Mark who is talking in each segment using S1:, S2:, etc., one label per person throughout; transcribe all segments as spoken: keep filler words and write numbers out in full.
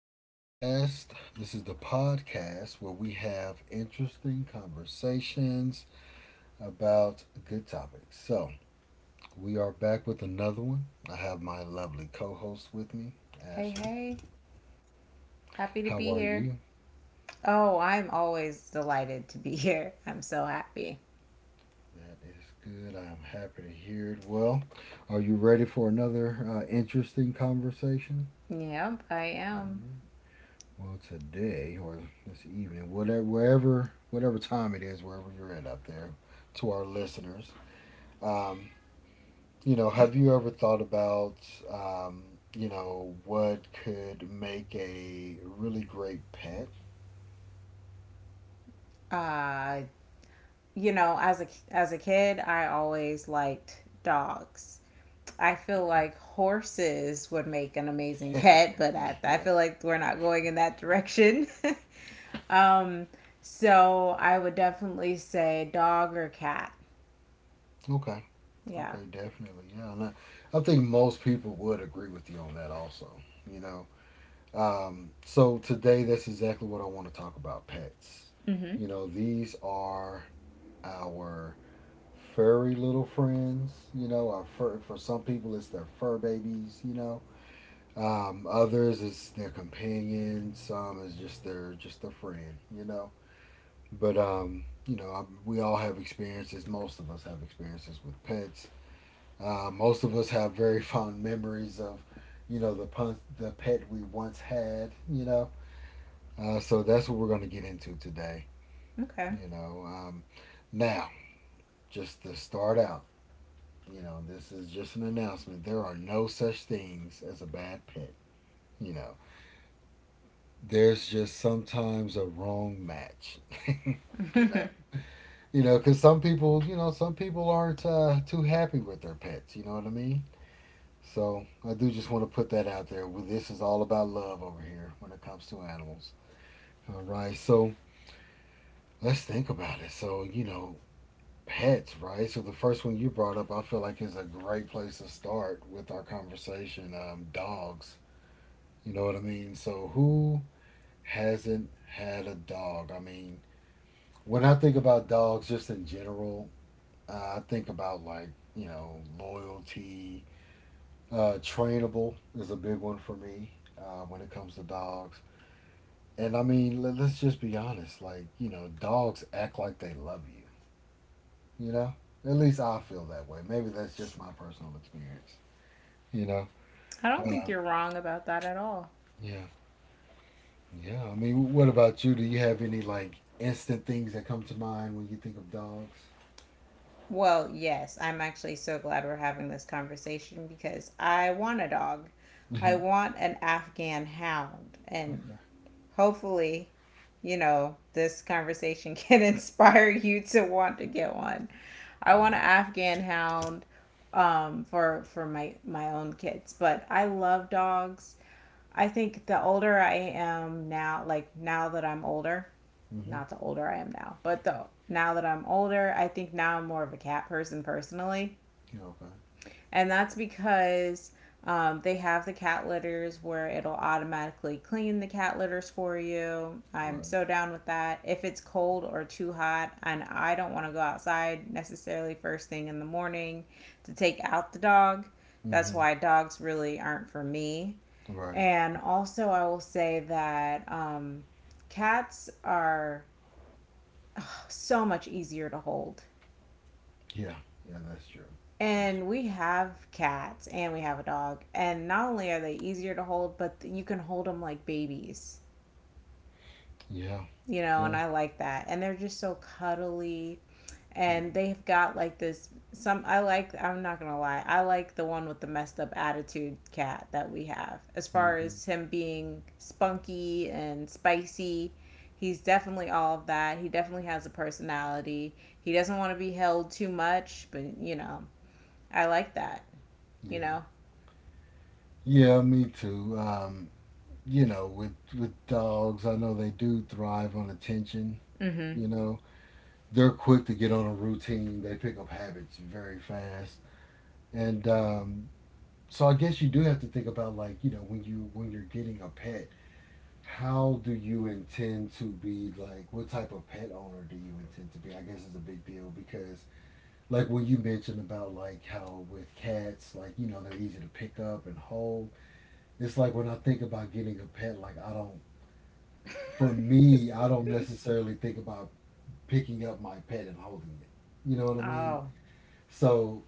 S1: Rodcast. This is the podcast where we have interesting conversations about good topics. So, we are back with another one. I have my lovely co host with me,
S2: Hey,
S1: Ashlyn.
S2: hey. Happy to
S1: How are
S2: be
S1: you?
S2: here. Oh, I'm always delighted to be here. I'm so happy.
S1: That is good. I am happy to hear it. Well, are you ready for another uh, interesting conversation?
S2: Yep, I am.
S1: Mm-hmm. Well, today or this evening, whatever, wherever, whatever time it is, wherever you're at up there, to our listeners, Um, you know, have you ever thought about, um, you know, what could make a really great pet?
S2: Uh, you know, as a as a kid, I always liked dogs. I feel like horses would make an amazing
S1: Okay.
S2: pet, but I, I
S1: Yeah.
S2: feel like we're not going in that direction. um, so I would definitely say dog or cat.
S1: Okay.
S2: Yeah.
S1: Okay. Definitely. Yeah. And I, I think most people would agree with you on that also, you know. Um, so today, that's exactly what I want to talk about pets.
S2: Mhm.
S1: You know, these are our furry little friends. You know, our fur, for some people, it's their fur babies, you know. Um, others is their companion. Some is just their just their friend. You know. But um, you know, I, We all have experiences. Most of us have experiences with pets. Uh, most of us have very fond memories of, you know, the pun- the pet we once had. You know. Uh, so that's what we're gonna get into today.
S2: Okay.
S1: You know. Um, now, just to start out, you know, this is just an announcement. There are no such things as a bad pet. You know, there's just sometimes a wrong match. You know, you know, because some people, you know, some people aren't uh, too happy with their pets. You know what I mean? So I do just want to put that out there. Well, this is all about love over here when it comes to animals. All right, so let's think about it. So you know, pets, right? So the first one you brought up, I feel like is a great place to start with our conversation. Um, dogs. You know what I mean? So who hasn't had a dog? I mean, when I think about dogs, just in general, uh, I think about like you know loyalty. Uh, trainable is a big one for me uh, when it comes to dogs. And I mean, let, let's just be honest. Like you know, dogs act like they love you. You know, at least I feel that way. Maybe that's just my personal experience. You know.
S2: I don't think
S1: Um,
S2: you're wrong about that at all.
S1: yeah. Yeah. I mean, what about you? Do you have any like instant things that come to mind when you think of dogs?
S2: Well, yes, I'm actually so glad we're having this conversation because I want a dog.
S1: Yeah.
S2: I want an Afghan hound. And hopefully, you know, this conversation can inspire you to want to get one. I want
S1: Right.
S2: an Afghan hound um for for my my own kids, but I love dogs. I think the older I am now, like now that I'm older,
S1: Mm-hmm.
S2: not the older I am now, but though now that I'm older, I think now I'm more of a cat person personally.
S1: Yeah. Okay.
S2: And that's because um, they have the cat litters where it'll automatically clean the cat litters for you. I'm
S1: Right.
S2: so down with that. If it's cold or too hot and I don't want to go outside necessarily first thing in the morning to take out the dog, that's
S1: Hmm.
S2: why dogs really aren't for me.
S1: Right.
S2: And also, I will say that um, cats are so much easier to hold.
S1: Yeah. Yeah, that's true. That's
S2: And
S1: true.
S2: we have cats and we have a dog. And not only are they easier to hold, but you can hold them like babies,
S1: Yeah.
S2: you know, and
S1: Yeah.
S2: I like that. And they're just so cuddly. And they've got like this some I like I'm not going to lie. I like the one with the messed up attitude cat that we have. As far
S1: Hmm.
S2: as him being spunky and spicy, he's definitely all of that. He definitely has a personality. He doesn't want to be held too much, but you know, I like that, you
S1: Yeah.
S2: know?
S1: Yeah, me too. Um, you know, with with dogs, I know they do thrive on attention,
S2: Mm-hmm.
S1: you know. They're quick to get on a routine. They pick up habits very fast. And um, so I guess you do have to think about like, you know, when you when you're getting a pet, how do you intend to be like what type of pet owner do you intend to be? I guess is a big deal because like what you mentioned about like how with cats like you know they're easy to pick up and hold. It's like when I think about getting a pet, like I don't, for me I don't necessarily think about picking up my pet and holding it, you know what I mean?
S2: Oh,
S1: So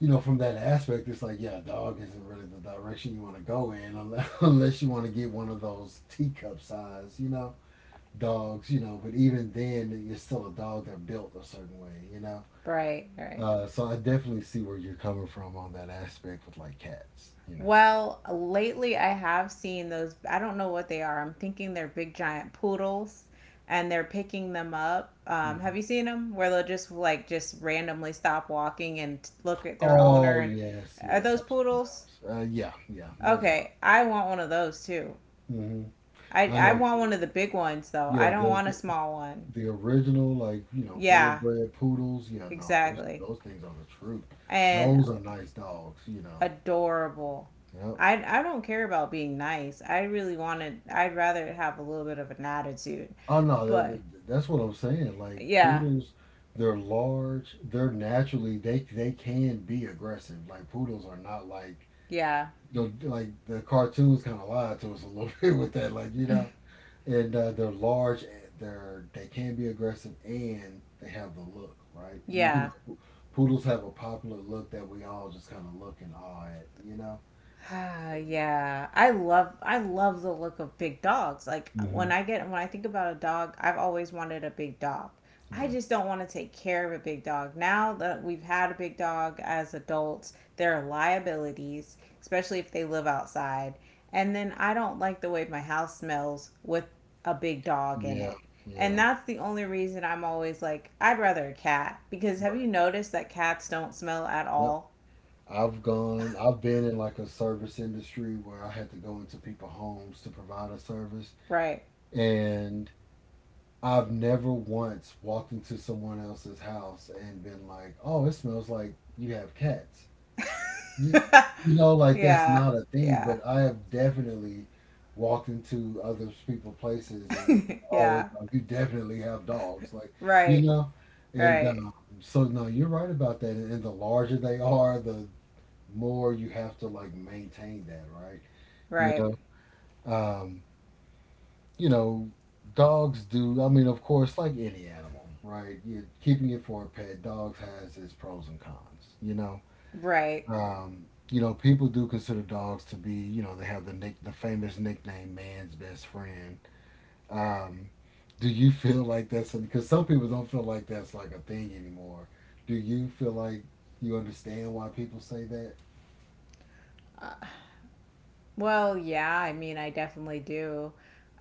S1: you know from that aspect it's like yeah dog isn't really the direction you want to go in unless, unless you want to get one of those teacup size you know dogs, you know, but even then it's still a dog, they built a certain way, you know.
S2: right, right.
S1: Uh, so I definitely see where you're coming from on that aspect with like cats, you know.
S2: Well, lately I have seen those. I don't know what they are. I'm thinking they're big giant poodles and they're picking them up. Um, have
S1: Mhm.
S2: you seen them where they'll just like just randomly stop walking and t- look at their owner?
S1: Oh
S2: And
S1: yes,
S2: are
S1: yes,
S2: those
S1: I've seen
S2: poodles?
S1: those. Uh, yeah, yeah, those are.
S2: Okay, I want one of those too.
S1: Hmm.
S2: I
S1: I
S2: I
S1: know.
S2: want one of the big ones though. I
S1: Yeah,
S2: don't
S1: the,
S2: want a
S1: the
S2: small one.
S1: the original like you know full
S2: Yeah,
S1: bred poodles. Yeah, no, those
S2: exactly.
S1: those things are the truth.
S2: And
S1: Those are nice dogs, you know.
S2: adorable.
S1: Yep.
S2: I I don't care about being nice. I really wanted. I'd rather have a little bit of an attitude.
S1: Oh no, that,
S2: But
S1: that- that's what I'm saying. Like
S2: yeah,
S1: poodles, they're large. They're naturally they they can be aggressive. Like poodles are not like
S2: yeah,
S1: the like the cartoons kind of lied to us a little bit with that, like you know, and uh, they're large, and they're they can be aggressive, and they have the look, right? You
S2: yeah.
S1: know, poodles have a popular look that we all just kind of look in awe at, you know.
S2: Ah,
S1: So
S2: yeah, I love I love the look of big dogs. Like when
S1: hmm
S2: I get when I think about a dog, I've always wanted a big dog. I
S1: right,
S2: just don't want to take care of a big dog. Now that we've had a big dog as adults, there are liabilities, especially if they live outside. And then I don't like the way my house smells with a big dog in
S1: yeah,
S2: it. And
S1: yeah,
S2: that's the only reason I'm always like, I'd rather a cat. Because have you
S1: right,
S2: noticed that cats don't smell at
S1: yep.
S2: all?
S1: I've gone, I've been in like a service industry where I had to go into people's homes to provide a service.
S2: Right.
S1: I've never once walked into someone else's house and been like, "Oh, it smells like you have cats." You, you know, like that's
S2: yeah,
S1: not a thing,
S2: yeah,
S1: but I have definitely walked into other people's places and oh, it's
S2: yeah.
S1: like, you definitely have dogs, like you
S2: Right,
S1: know, and
S2: right,
S1: um, so no, you're right about that. And, and the larger they are, the more you have to like maintain that, right? You
S2: right,
S1: know, um, you know, dogs do. I mean, of course, like any animal, right? You, keeping it for a pet, dogs has its pros and cons. You know,
S2: right.
S1: um, you know, people do consider dogs to be. You know, they have the nick, the famous nickname, man's best friend. Um, do you feel like that's because some people don't feel like that's like a thing anymore? Do you feel like you understand why people say that?
S2: Well, yeah. I mean, I definitely do.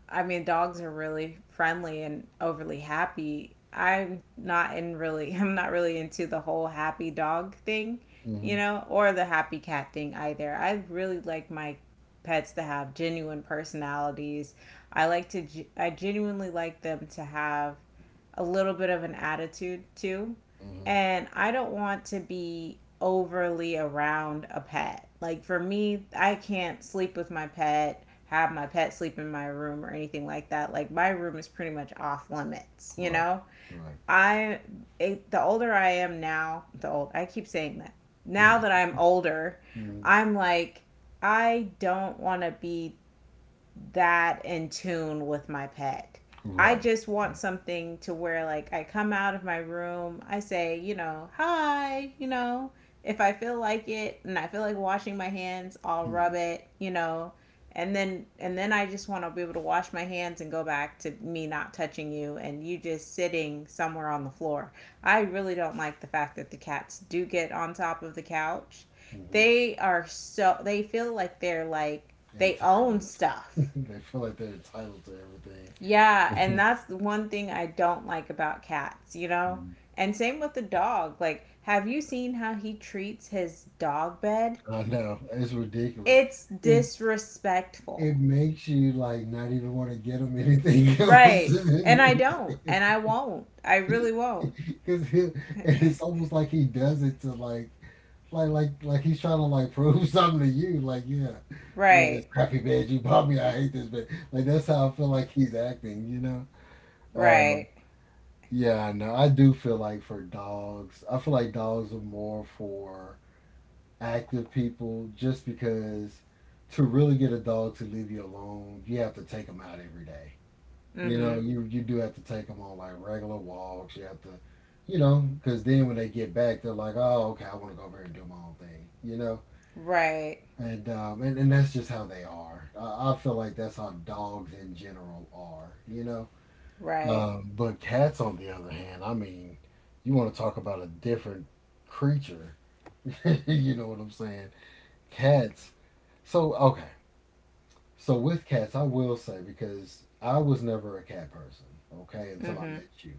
S2: I mean, dogs are really friendly and overly happy. I'm not in really, I'm not really into the whole happy dog thing,
S1: Mm-hmm.
S2: you know, or the happy cat thing either. I really like my pets to have genuine personalities. I like to, I genuinely like them to have a little bit of an attitude too,
S1: Mm-hmm.
S2: and I don't want to be overly around a pet. Like for me, I can't sleep with my pet, have my pet sleep in my room or anything like that. Like my room is pretty much off limits, you
S1: Right.
S2: know?
S1: Right.
S2: I It, the older I am now, the old I keep saying that. Now that I'm older,
S1: Mhm.
S2: I'm like I don't want to be that in tune with my pet. I
S1: Right.
S2: just want
S1: Right.
S2: something to where like I come out of my room, I say, you know, hi, you know, if I feel like it and I feel like washing my hands, I'll rub
S1: Yeah.
S2: it, you know, and then and then I just want to be able to wash my hands and go back to me not touching you and you just sitting somewhere on the floor. I really don't like the fact that the cats do get on top of the couch.
S1: Hmm.
S2: They are so they feel like they're like they own
S1: Entitled.
S2: stuff.
S1: They feel like they're entitled to
S2: Yeah, and
S1: everything.
S2: that's the one thing I don't like about cats, you know? And same with the dog. Like, have you seen how he treats his dog bed?
S1: I know it's ridiculous.
S2: It's
S1: It
S2: disrespectful.
S1: it makes you like not even want to get him anything
S2: Right. And I
S1: else,
S2: don't. And I won't. I really won't.
S1: because it's almost like he does it to like like like like he's trying to like prove something to you. Like yeah, yeah, this
S2: right.
S1: crappy bed you bought me. I hate this bed. Like that's how I feel like he's acting. You know. Um,
S2: Right.
S1: yeah, I know. I do feel like for dogs, I feel like dogs are more for active people just because to really get a dog to leave you alone, you have to take them out every day. You know,
S2: Mhm.
S1: you you do have to take them on like regular walks. You have to, you know, because then when they get back, they're like, oh, okay, I want to go over here and do my own thing. You know,
S2: Right.
S1: and um, and, and that's just how they are. I, I feel like that's how dogs in general are. You know,
S2: Right.
S1: um, but cats on the other hand, I mean, you want to talk about a different creature. You know what I'm saying? Cats so okay, so with cats, I will say because I was never a cat person. Okay, until I
S2: Mhm.
S1: met you,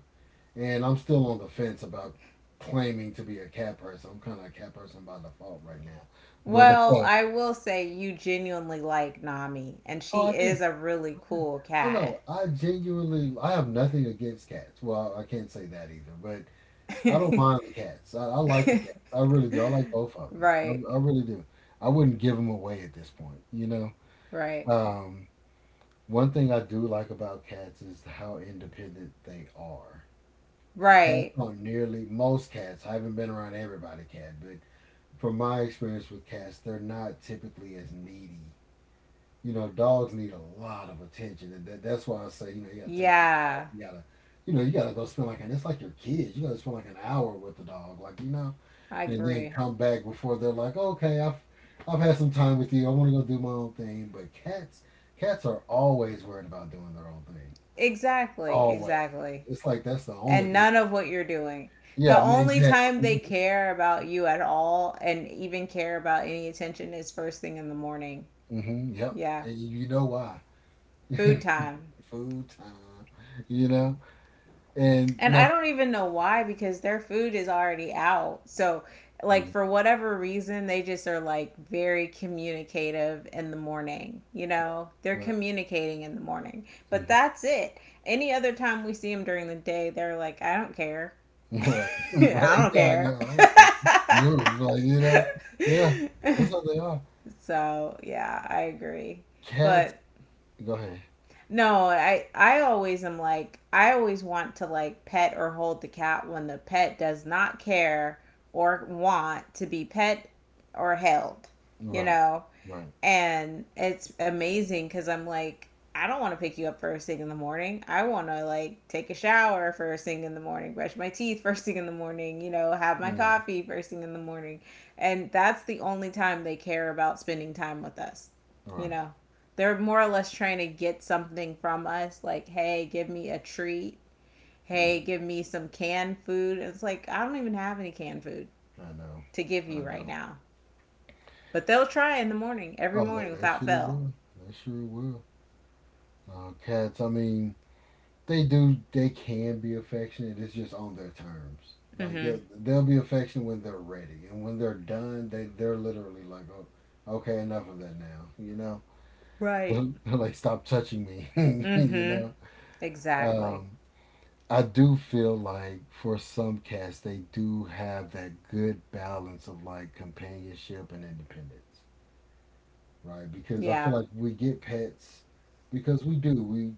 S1: and I'm still on the fence about claiming to be a cat person. I'm kind of a cat person by default right now, but uh,
S2: Well, I will say you genuinely like Nami, and
S1: oh,
S2: she
S1: I do.
S2: is a really cool
S1: Oh
S2: cat.
S1: no, I genuinely I have nothing against cats. Well, I can't say that either, but I don't mind the cats. I, I like the cats. I really do. I like both of them.
S2: Right,
S1: I, I really do. I wouldn't give them away at this point, you know.
S2: right,
S1: Um, One thing I do like about cats is how independent they are. Cats
S2: right.
S1: aren't nearly most cats. I haven't been around everybody cat, but from my experience with cats, they're not typically as needy. You know, dogs need a lot of attention, and that, that's why I say, you know, you gotta take,
S2: Yeah,
S1: you gotta, you know, you gotta go spend like, and it's like your kids, you gotta spend like an hour with the dog, like you know,
S2: I
S1: and then
S2: agree.
S1: come back before they're like, okay, I've, I've had some time with you, I want to go do my own thing. But cats, cats are always worried about doing their own thing,
S2: Exactly,
S1: always.
S2: exactly.
S1: It's like that's the only
S2: And
S1: thing.
S2: none of what you're doing.
S1: Yeah,
S2: The
S1: n-
S2: only time they
S1: exactly.
S2: care about you at all and even care about any attention is first thing in the morning.
S1: Hmm. Yep,
S2: Yeah,
S1: and you you know why?
S2: food time.
S1: Food time, you know, and
S2: And I
S1: now.
S2: don't even know why because their food is already out. So, like
S1: Mhm.
S2: for whatever reason, they just are like very communicative in the morning, you
S1: Right.
S2: know? They're
S1: Right.
S2: communicating in the morning. But
S1: Mhm.
S2: that's it. Any other time we see them during the day, they're like, "I don't care.
S1: Right,
S2: I
S1: right,
S2: don't
S1: yeah, I
S2: care."
S1: know, okay. Moves, like, you know? Yeah, that's how they are.
S2: so, yeah, I agree.
S1: Cats
S2: But
S1: go ahead.
S2: no, I I always am like I always want to like pet or hold the cat when the pet does not care or want to be pet or held. You
S1: Right,
S2: know,
S1: right.
S2: and it's amazing because I'm like, I don't want to pick you up first thing in the morning. I want to like take a shower first thing in the morning, brush my teeth first thing in the morning, you know, have my
S1: Yeah,
S2: coffee first thing in the morning. And that's the only time they care about spending time with us, you
S1: right.
S2: know. They're more or less trying to get something from us, like, hey, give me a treat. Hey,
S1: Hmm.
S2: give me some canned food. It's like, I don't even have any canned food
S1: I know,
S2: to give
S1: I
S2: you right
S1: know.
S2: now. But they'll try in the morning, every
S1: Oh, they,
S2: morning
S1: they
S2: without
S1: sure
S2: fail.
S1: will. They sure will. Uh, cats, I mean, they do, they can be affectionate. It's just on their terms. Like,
S2: Mm-hmm.
S1: they'll, they'll be affectionate when they're ready. And when they're done, they, they're literally like, oh, okay, enough of that now, you know?
S2: Right.
S1: Like stop touching me. You
S2: Mm-hmm.
S1: know.
S2: Exactly.
S1: um I do feel like for some cats they do have that good balance of like companionship and independence. Right, because I
S2: Yeah.
S1: feel like we get pets because we do we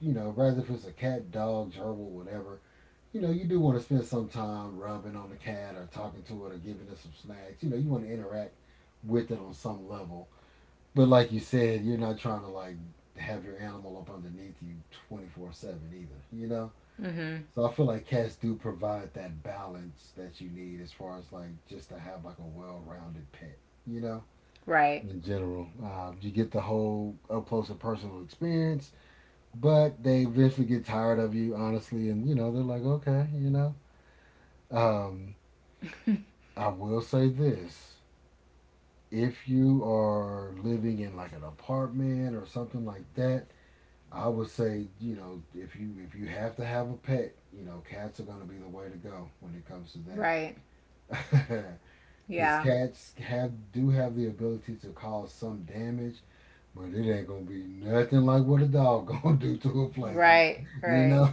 S1: you know, rather if it's a cat, dog, gerbil, whatever, you know, you do want to spend some time rubbing on the cat or talking to it or giving it some snacks, you know, you want to interact with it on some level. But like you said, you're not trying to like have your animal up underneath you twenty four seven either, you know?
S2: Mm-hmm.
S1: So I feel like cats do provide that balance that you need as far as like just to have like a well rounded pet, you know?
S2: Right.
S1: In general, uh, you get the whole up close and personal experience, but they eventually get tired of you, honestly, and you know, they're like, okay, you know? Um, I will say this, if you are living in like an apartment or something like that, I would say, you know, if you if you have to have a pet, you know, cats are going to be the way to go when it comes to
S2: Right.
S1: that. Cuz
S2: Yeah.
S1: cats have do have the ability to cause some damage, but it ain't going to be nothing like what a dog going to do to a place.
S2: Right.
S1: You
S2: Right.
S1: know,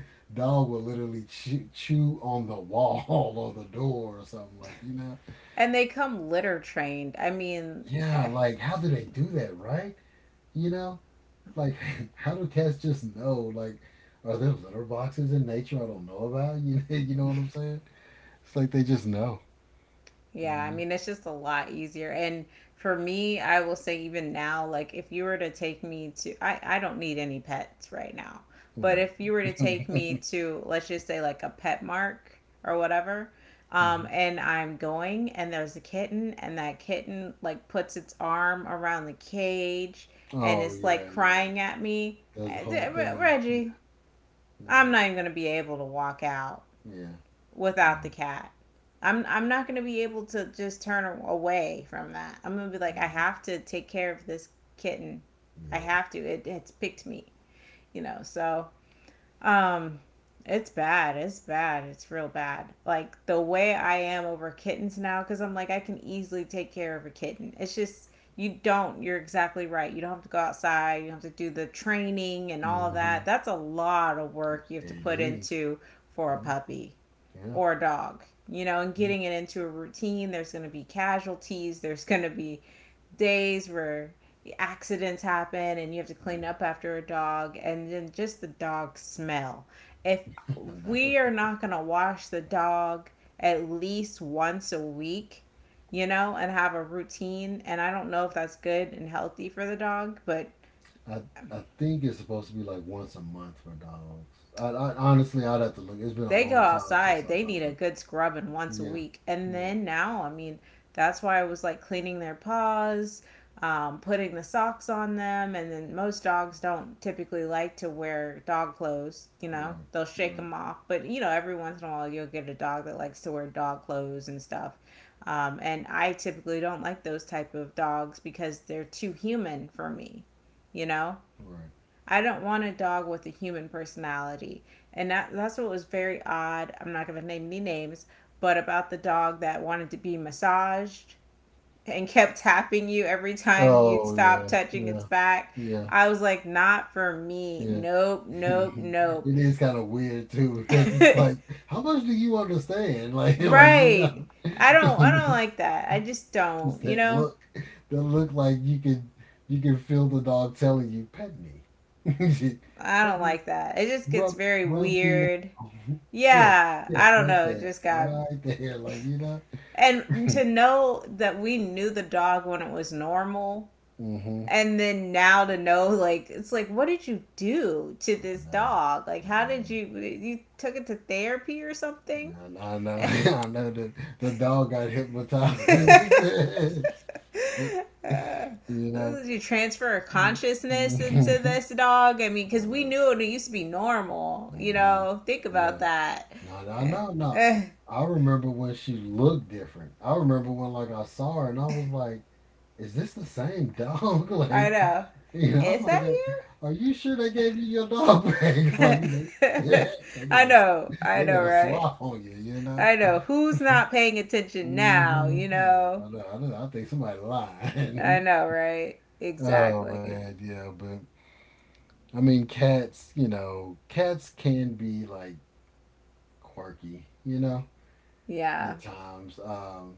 S1: dog will literally chew, chew on the wall or the door or something like, you know.
S2: And they come litter trained. I mean,
S1: Yeah,
S2: eh,
S1: like how do they do that, right? You know? Like, how do cats just know? Like, are there litter boxes in nature I don't know about? You you know what I'm saying? It's like they just know. You
S2: yeah, I
S1: know,
S2: mean, it's just a lot easier. And for me, I will say, even now, like if you were to take me to, I, I don't need any pets right now, but
S1: right?
S2: if you were to take me to, let's just say, like a pet mark or whatever,
S1: Hmm.
S2: um, and I'm going and there's a kitten, and that kitten like puts its arm around the cage and
S1: Oh
S2: it's like
S1: yeah, yeah.
S2: crying at me,
S1: That's the whole
S2: "Eh,
S1: thing.
S2: Reggie, I'm
S1: Hmm.
S2: not even going to be able to walk out
S1: Yeah, yeah,
S2: without the cat. I'm I'm not gonna be able to just turn away from that. I'm gonna be like, I
S1: mhm,
S2: have to take care of this kitten. I
S1: yeah.
S2: have to. It it's picked me, you know. So um, it's bad. It's bad. It's real bad. Like the way I am over kittens now, because I'm like I can easily take care of a kitten. It's just you don't. You're exactly right. You don't have to go outside. You don't have to do the training and all of that.
S1: Hmm.
S2: That's a lot of work you have to
S1: It
S2: put
S1: is.
S2: into for a
S1: Yeah,
S2: puppy
S1: yeah.
S2: or a dog, you know, and
S1: Yeah.
S2: getting it into a routine. There's going to be casualties, there's going to be days where accidents happen and you have to clean up after a dog, and then just the dog smell. If
S1: I know.
S2: we are not going to wash the dog at least once a week, you know, and have a routine, and I don't know if that's good and healthy for the dog, but
S1: I I think it's supposed to be like once a month for dogs. I, I honestly I'd have to look. It's been a
S2: they go
S1: long time since
S2: outside.
S1: I
S2: They
S1: thought
S2: need
S1: about
S2: a
S1: that.
S2: good scrubbing once a
S1: Yeah,
S2: week. And
S1: yeah.
S2: then now, I mean, that's why I was like cleaning their paws, um, putting the socks on them. And then most dogs don't typically like to wear dog clothes. You know,
S1: Right,
S2: they'll shake
S1: right,
S2: them off. But, you know, every once in a while you'll get a dog that likes to wear dog clothes and stuff. Um, and I typically don't like those type of dogs because they're too human for me, you know?
S1: right.
S2: I don't want a dog with a human personality. And that, that's what was very odd. I'm not going to name any names, but about the dog that wanted to be massaged and kept tapping you every time you'd
S1: Oh yeah,
S2: stop touching its
S1: yeah,
S2: back.
S1: yeah,
S2: I was like, not for me.
S1: yeah.
S2: Nope, nope,
S1: It
S2: nope.
S1: is kind of weird too because it's like, how much do you understand? Like, like you
S2: right.
S1: know.
S2: I don't I don't like that. I just
S1: It's
S2: don't, you
S1: that
S2: know?
S1: look, that look like you can, you can feel the dog telling you, pet me,
S2: I
S1: pet
S2: don't
S1: me,
S2: like that. It just gets
S1: rub,
S2: very
S1: rub me
S2: weird.
S1: now. Yes,
S2: Yeah, I
S1: yes,
S2: don't
S1: right
S2: know. It
S1: there,
S2: just got
S1: right there. Like you know.
S2: And to know that we knew the dog when it was normal,
S1: Mm-hmm.
S2: and then now to know, like, it's like, what did you do to
S1: I
S2: this
S1: know.
S2: dog? Like,
S1: I
S2: how did
S1: know.
S2: you— you took it to therapy or something?
S1: I, I know, I know that the dog got hypnotized.
S2: Uh,
S1: You know.
S2: did you transfer consciousness into
S1: Mhm.
S2: this dog? I mean,
S1: I
S2: because we
S1: know.
S2: knew it used to be normal, you
S1: Hmm.
S2: know? Think
S1: Yeah.
S2: about that.
S1: No, I
S2: Eh,
S1: know. No,
S2: eh,
S1: I remember when she looked different. I remember when like I saw her and I was like, "Is this the same dog?"
S2: I
S1: Like,
S2: know.
S1: you know, I'm
S2: Is
S1: like,
S2: that you?
S1: "Are you sure they gave you your dog back?" Like they, they did
S2: I
S1: a
S2: know, I
S1: they did
S2: know,
S1: a
S2: right?
S1: swap on you, you know.
S2: I know. Who's not paying attention now,
S1: Hmm.
S2: you
S1: Yeah,
S2: know?
S1: I know. I know. I think somebody
S2: I
S1: lied.
S2: know, right?
S1: Oh
S2: Exactly.
S1: man, yeah, but I mean, cats, you know, cats can be like quirky, you know,
S2: Yeah.
S1: at times. Um,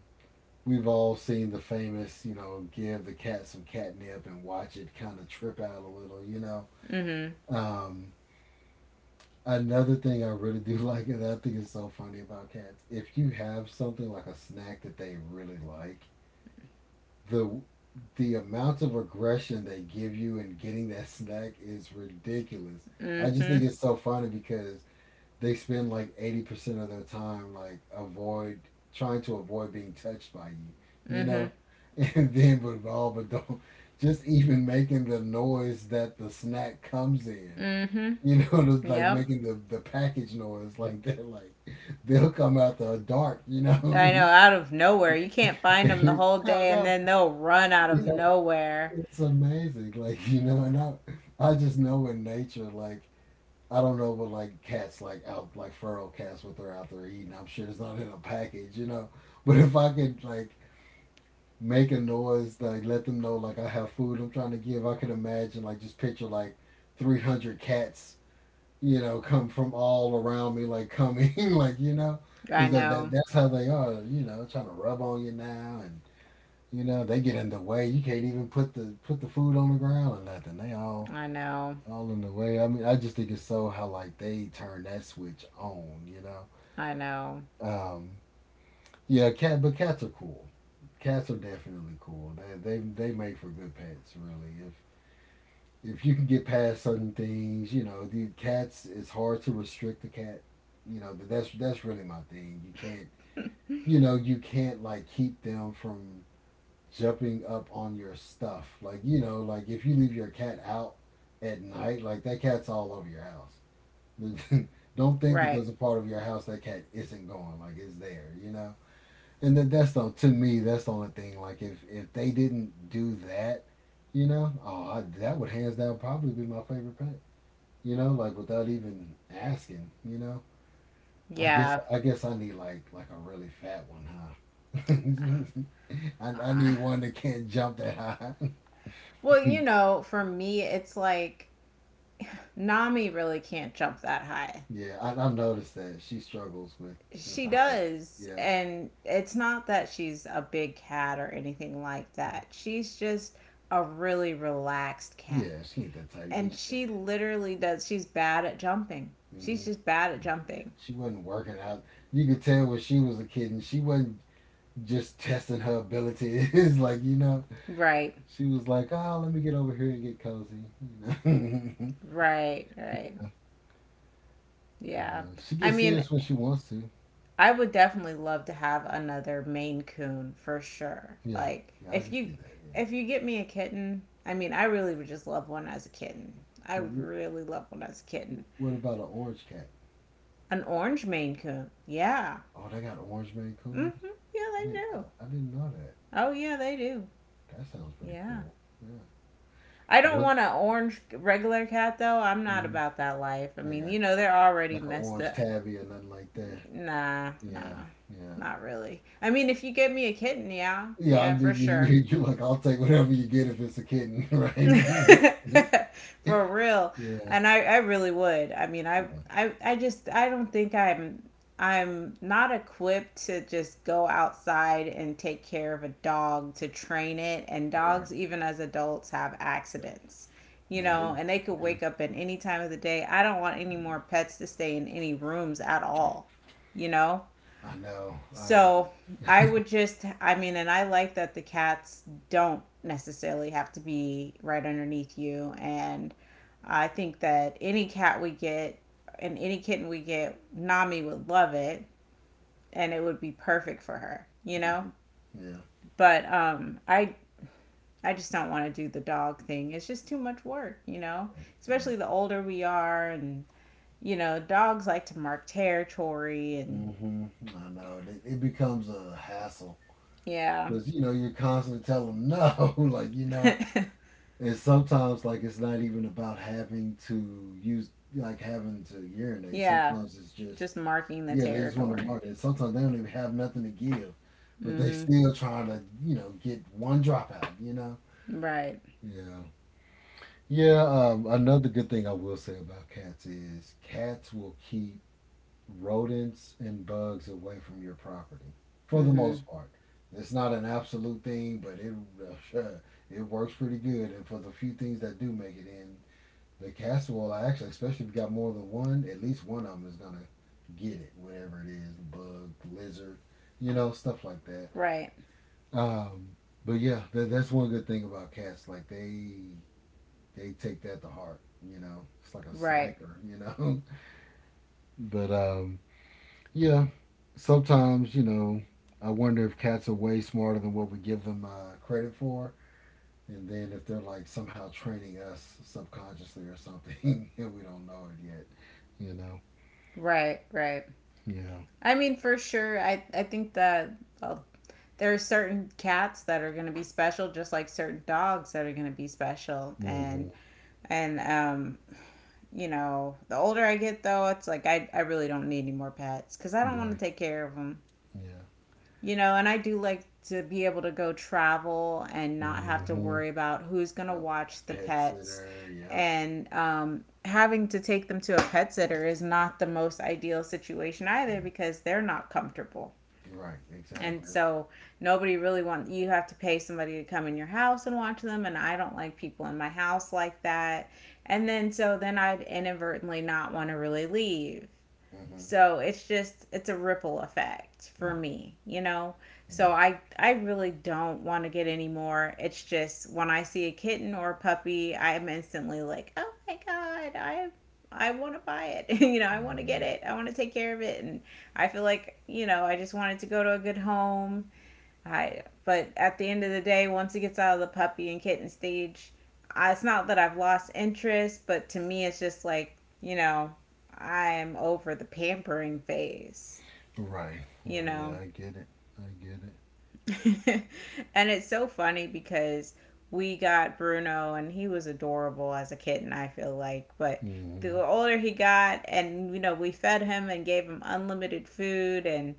S1: we've all seen the famous, you know, give the cat some catnip and watch it kind of trip out a little, you know.
S2: Mhm.
S1: Um, another thing I really do like, and I think is so funny about cats, if you have something like a snack that they really like, the the amount of aggression they give you in getting that snack is ridiculous. I just
S2: Mhm.
S1: think it's so funny because they spend like eighty percent of their time like avoid trying to avoid being touched by you, you
S2: Mhm.
S1: know? And then but all but don't just even making the noise that the snack comes in.
S2: Mhm.
S1: You know, just like
S2: Yep.
S1: making the, the package noise like they're like they'll come out the dark, you know.
S2: I know,
S1: And
S2: out of nowhere. You can't find them the
S1: it's,
S2: whole
S1: hell
S2: day, and
S1: no.
S2: then they'll run out of nowhere.
S1: It's amazing, like you know, and I, I just know in nature, like I don't know but like cats like out like feral cats what they're out there eating. I'm sure it's not in a package, you know. But if I could like make a noise, like let them know like I have food I'm trying to give, I could imagine like just picture like three hundred cats, you know, come from all around me, like coming, like you know,
S2: I
S1: because that, that
S2: know.
S1: that's how they are, you know, trying to rub on you now and you know, they get in the way. You can't even put the put the food on the ground or nothing. They all
S2: I know.
S1: all in the way. I mean, I just think it's so how like they turn that switch on. You know,
S2: I know.
S1: um, yeah, cat, but cats are cool. Cats are definitely cool. They they they make for good pets, really. If if you can get past certain things, you know, the cats. It's hard to restrict the cat. You know, that's that's really my thing. You can't, you know, you can't like keep them from jumping up on your stuff. Like, you know, like if you leave your cat out at night, like that cat's all over your house. Don't think that
S2: Right.
S1: there's a part of your house that cat isn't going, like it's there, you know? And that that's the to me, that's the only thing. Like if if they didn't do that, you know, oh I, that would hands down probably be my favorite pet. You know, like without even asking, you know. I guess
S2: Yeah.
S1: I guess I need like like a really fat one, huh? I, I
S2: Uh,
S1: need one that can't jump that high.
S2: Well, you know, for me it's like, Nami really can't jump that high.
S1: Yeah, I, I noticed that she struggles with, with
S2: She
S1: the height.
S2: does,
S1: Yeah,
S2: and it's not that she's a big cat or anything like that. She's just a really relaxed cat,
S1: yeah, she ain't that type.
S2: and
S1: She,
S2: she literally does. She's bad at jumping. She's
S1: hmm,
S2: just bad at jumping.
S1: she wasn't working out. You could tell when she was a kid, and she wasn't just testing her abilities. Like you know,
S2: Right,
S1: she was like, "Oh, let me get over here and get cozy." You know, you
S2: right, right. Yeah.
S1: know she
S2: I
S1: gets
S2: mean,
S1: serious when she wants to.
S2: I would definitely love to have another Maine Coon, for sure.
S1: Yeah,
S2: Like,
S1: yeah, I
S2: if
S1: can see
S2: you
S1: that. Yeah.
S2: if you get me a kitten, I mean, I really would just love one as a kitten. I would
S1: What,
S2: really love one as a kitten.
S1: what about an orange cat?
S2: An orange Maine Coon. Yeah.
S1: Oh, they got orange Maine Coons.
S2: Mm-hmm. Yeah,
S1: I
S2: they
S1: didn't,
S2: do.
S1: I, I didn't know that.
S2: Oh, yeah, they do.
S1: That sounds pretty
S2: Yeah.
S1: cool. Yeah.
S2: I don't
S1: What?
S2: want an orange regular cat though. I'm not
S1: Mm-hmm.
S2: about that life. I
S1: I
S2: mean,
S1: got
S2: you
S1: you.
S2: know, they're already
S1: Like an
S2: messed
S1: orange
S2: up.
S1: tabby or nothing like that.
S2: Nah,
S1: Yeah,
S2: nah,
S1: yeah.
S2: not really. I mean, if you get me a kitten, yeah,
S1: Yeah, I
S2: yeah,
S1: mean,
S2: for
S1: you, you,
S2: sure.
S1: you like, I'll take whatever you get if it's a kitten, right? Mhm.
S2: For real.
S1: Yeah.
S2: And I, I really would. I mean, I,
S1: Yeah.
S2: I, I just, I don't think I'm, I'm not equipped to just go outside and take care of a dog to train it. And
S1: Right.
S2: dogs, even as adults, have accidents, you
S1: They
S2: know,
S1: do.
S2: and they could
S1: They do.
S2: wake up at any time of the day. I don't want any more pets to stay in any rooms at all, you know?
S1: I know. Um,
S2: So I would just— I mean, and I like that the cats don't necessarily have to be right underneath you. And I think that any cat we get and any kitten we get, Nami would love it, and it would be perfect for her, you know?
S1: mhm. Yeah.
S2: But um, I, I just don't want to do the dog thing. It's just too much work, you know?
S1: Right.
S2: Especially the older we are, and, you know, dogs like to mark territory, and
S1: Hmm. I know. It, it becomes a hassle.
S2: yeah.
S1: Because, you know, you're constantly telling them no. Like, you know, and sometimes, like, it's not even about having to use, like, having to urinate.
S2: Yeah.
S1: Sometimes it's just
S2: Just marking the
S1: yeah, they just want to
S2: territory.
S1: market. Sometimes they don't even have nothing to give, but they
S2: Mm-hmm.
S1: still trying to, you know, get one dropout, you know?
S2: Right.
S1: Yeah. Yeah, um, another good thing I will say about cats is cats will keep rodents and bugs away from your property for the
S2: Mm-hmm.
S1: most part. It's not an absolute thing, but it it works pretty good. And for the few things that do make it in, the casserole, I actually, especially if you got more than one, at least one of them is gonna get it, whatever it is, bug, lizard, you know, stuff like that.
S2: Right.
S1: Um, but yeah, that, that's one good thing about cats. Like they they take that to heart. You know, it's like a
S2: Right.
S1: sniper. You know, but um, yeah, sometimes you know, I wonder if cats are way smarter than what we give them uh, credit for. And then if they're like somehow training us subconsciously or something, and we don't know it yet, you know.
S2: Right. Right.
S1: Yeah.
S2: I mean, for sure, I, I think that, well, there are certain cats that are going to be special, just like certain dogs that are going to be special. And,
S1: Hmm.
S2: and, um, you know, the older I get, though, it's like, I, I really don't need any more pets, because I don't want to
S1: Right.
S2: take care of them.
S1: Yeah.
S2: You know, and I do like to be able to go travel and not have to
S1: Hmm.
S2: worry about who's going to
S1: Yep.
S2: watch the
S1: Pet
S2: pets.
S1: sitter. Yep.
S2: And um, having to take them to a pet sitter is not the most ideal situation either, because they're not comfortable.
S1: Right.
S2: And
S1: Exactly.
S2: so nobody really wants— you have to pay somebody to come in your house and watch them. And I don't like people in my house like that. And then so then I'd inadvertently not want to really leave.
S1: Hmm.
S2: So it's just it's a ripple effect for
S1: Yeah.
S2: me, you know.
S1: Yeah.
S2: So I I really don't want to get any more. It's just, when I see a kitten or a puppy, I am instantly like, "Oh my god, I I want to buy it. you know, I want to get
S1: Hmm.
S2: it. I want to take care of it." And I feel like, you know, I just want it to go to a good home. I But at the end of the day, once it gets out of the puppy and kitten stage, I, it's not that I've lost interest, but to me, it's just like, you know, I'm over the pampering phase,
S1: Right.
S2: you
S1: Right. Yeah.
S2: know.
S1: I get it. I get it.
S2: And it's so funny because we got Bruno, and he was adorable as a kitten, I feel like, but
S1: Hmm.
S2: the older he got, and you know, we fed him and gave him unlimited food, and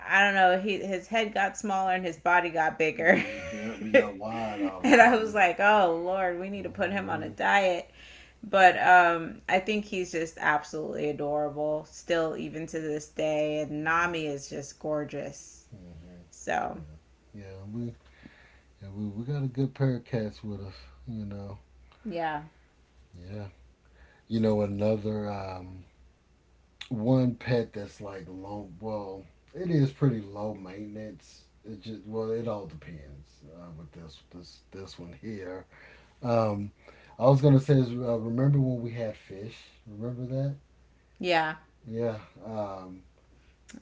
S2: I don't know, he, his head got smaller and his body got bigger.
S1: Bigger. Yeah. We got wide all of a
S2: And I was
S1: sudden.
S2: like, oh Lord, we need to put him on a
S1: Hmm.
S2: diet. But um, I think he's just absolutely adorable, still, even to this day. And
S1: Yeah.
S2: Nami is just gorgeous.
S1: Hmm.
S2: So,
S1: Yeah. Yeah. We. Yeah. We. We got a good pair of cats with us. You know.
S2: yeah.
S1: Yeah. You know another. Um. One pet that's like low. Well, it is pretty low maintenance. It just well, it all depends uh, with this this this one here. Um, I was gonna say is uh, remember when we had fish? Remember that?
S2: Yeah.
S1: Yeah. Um,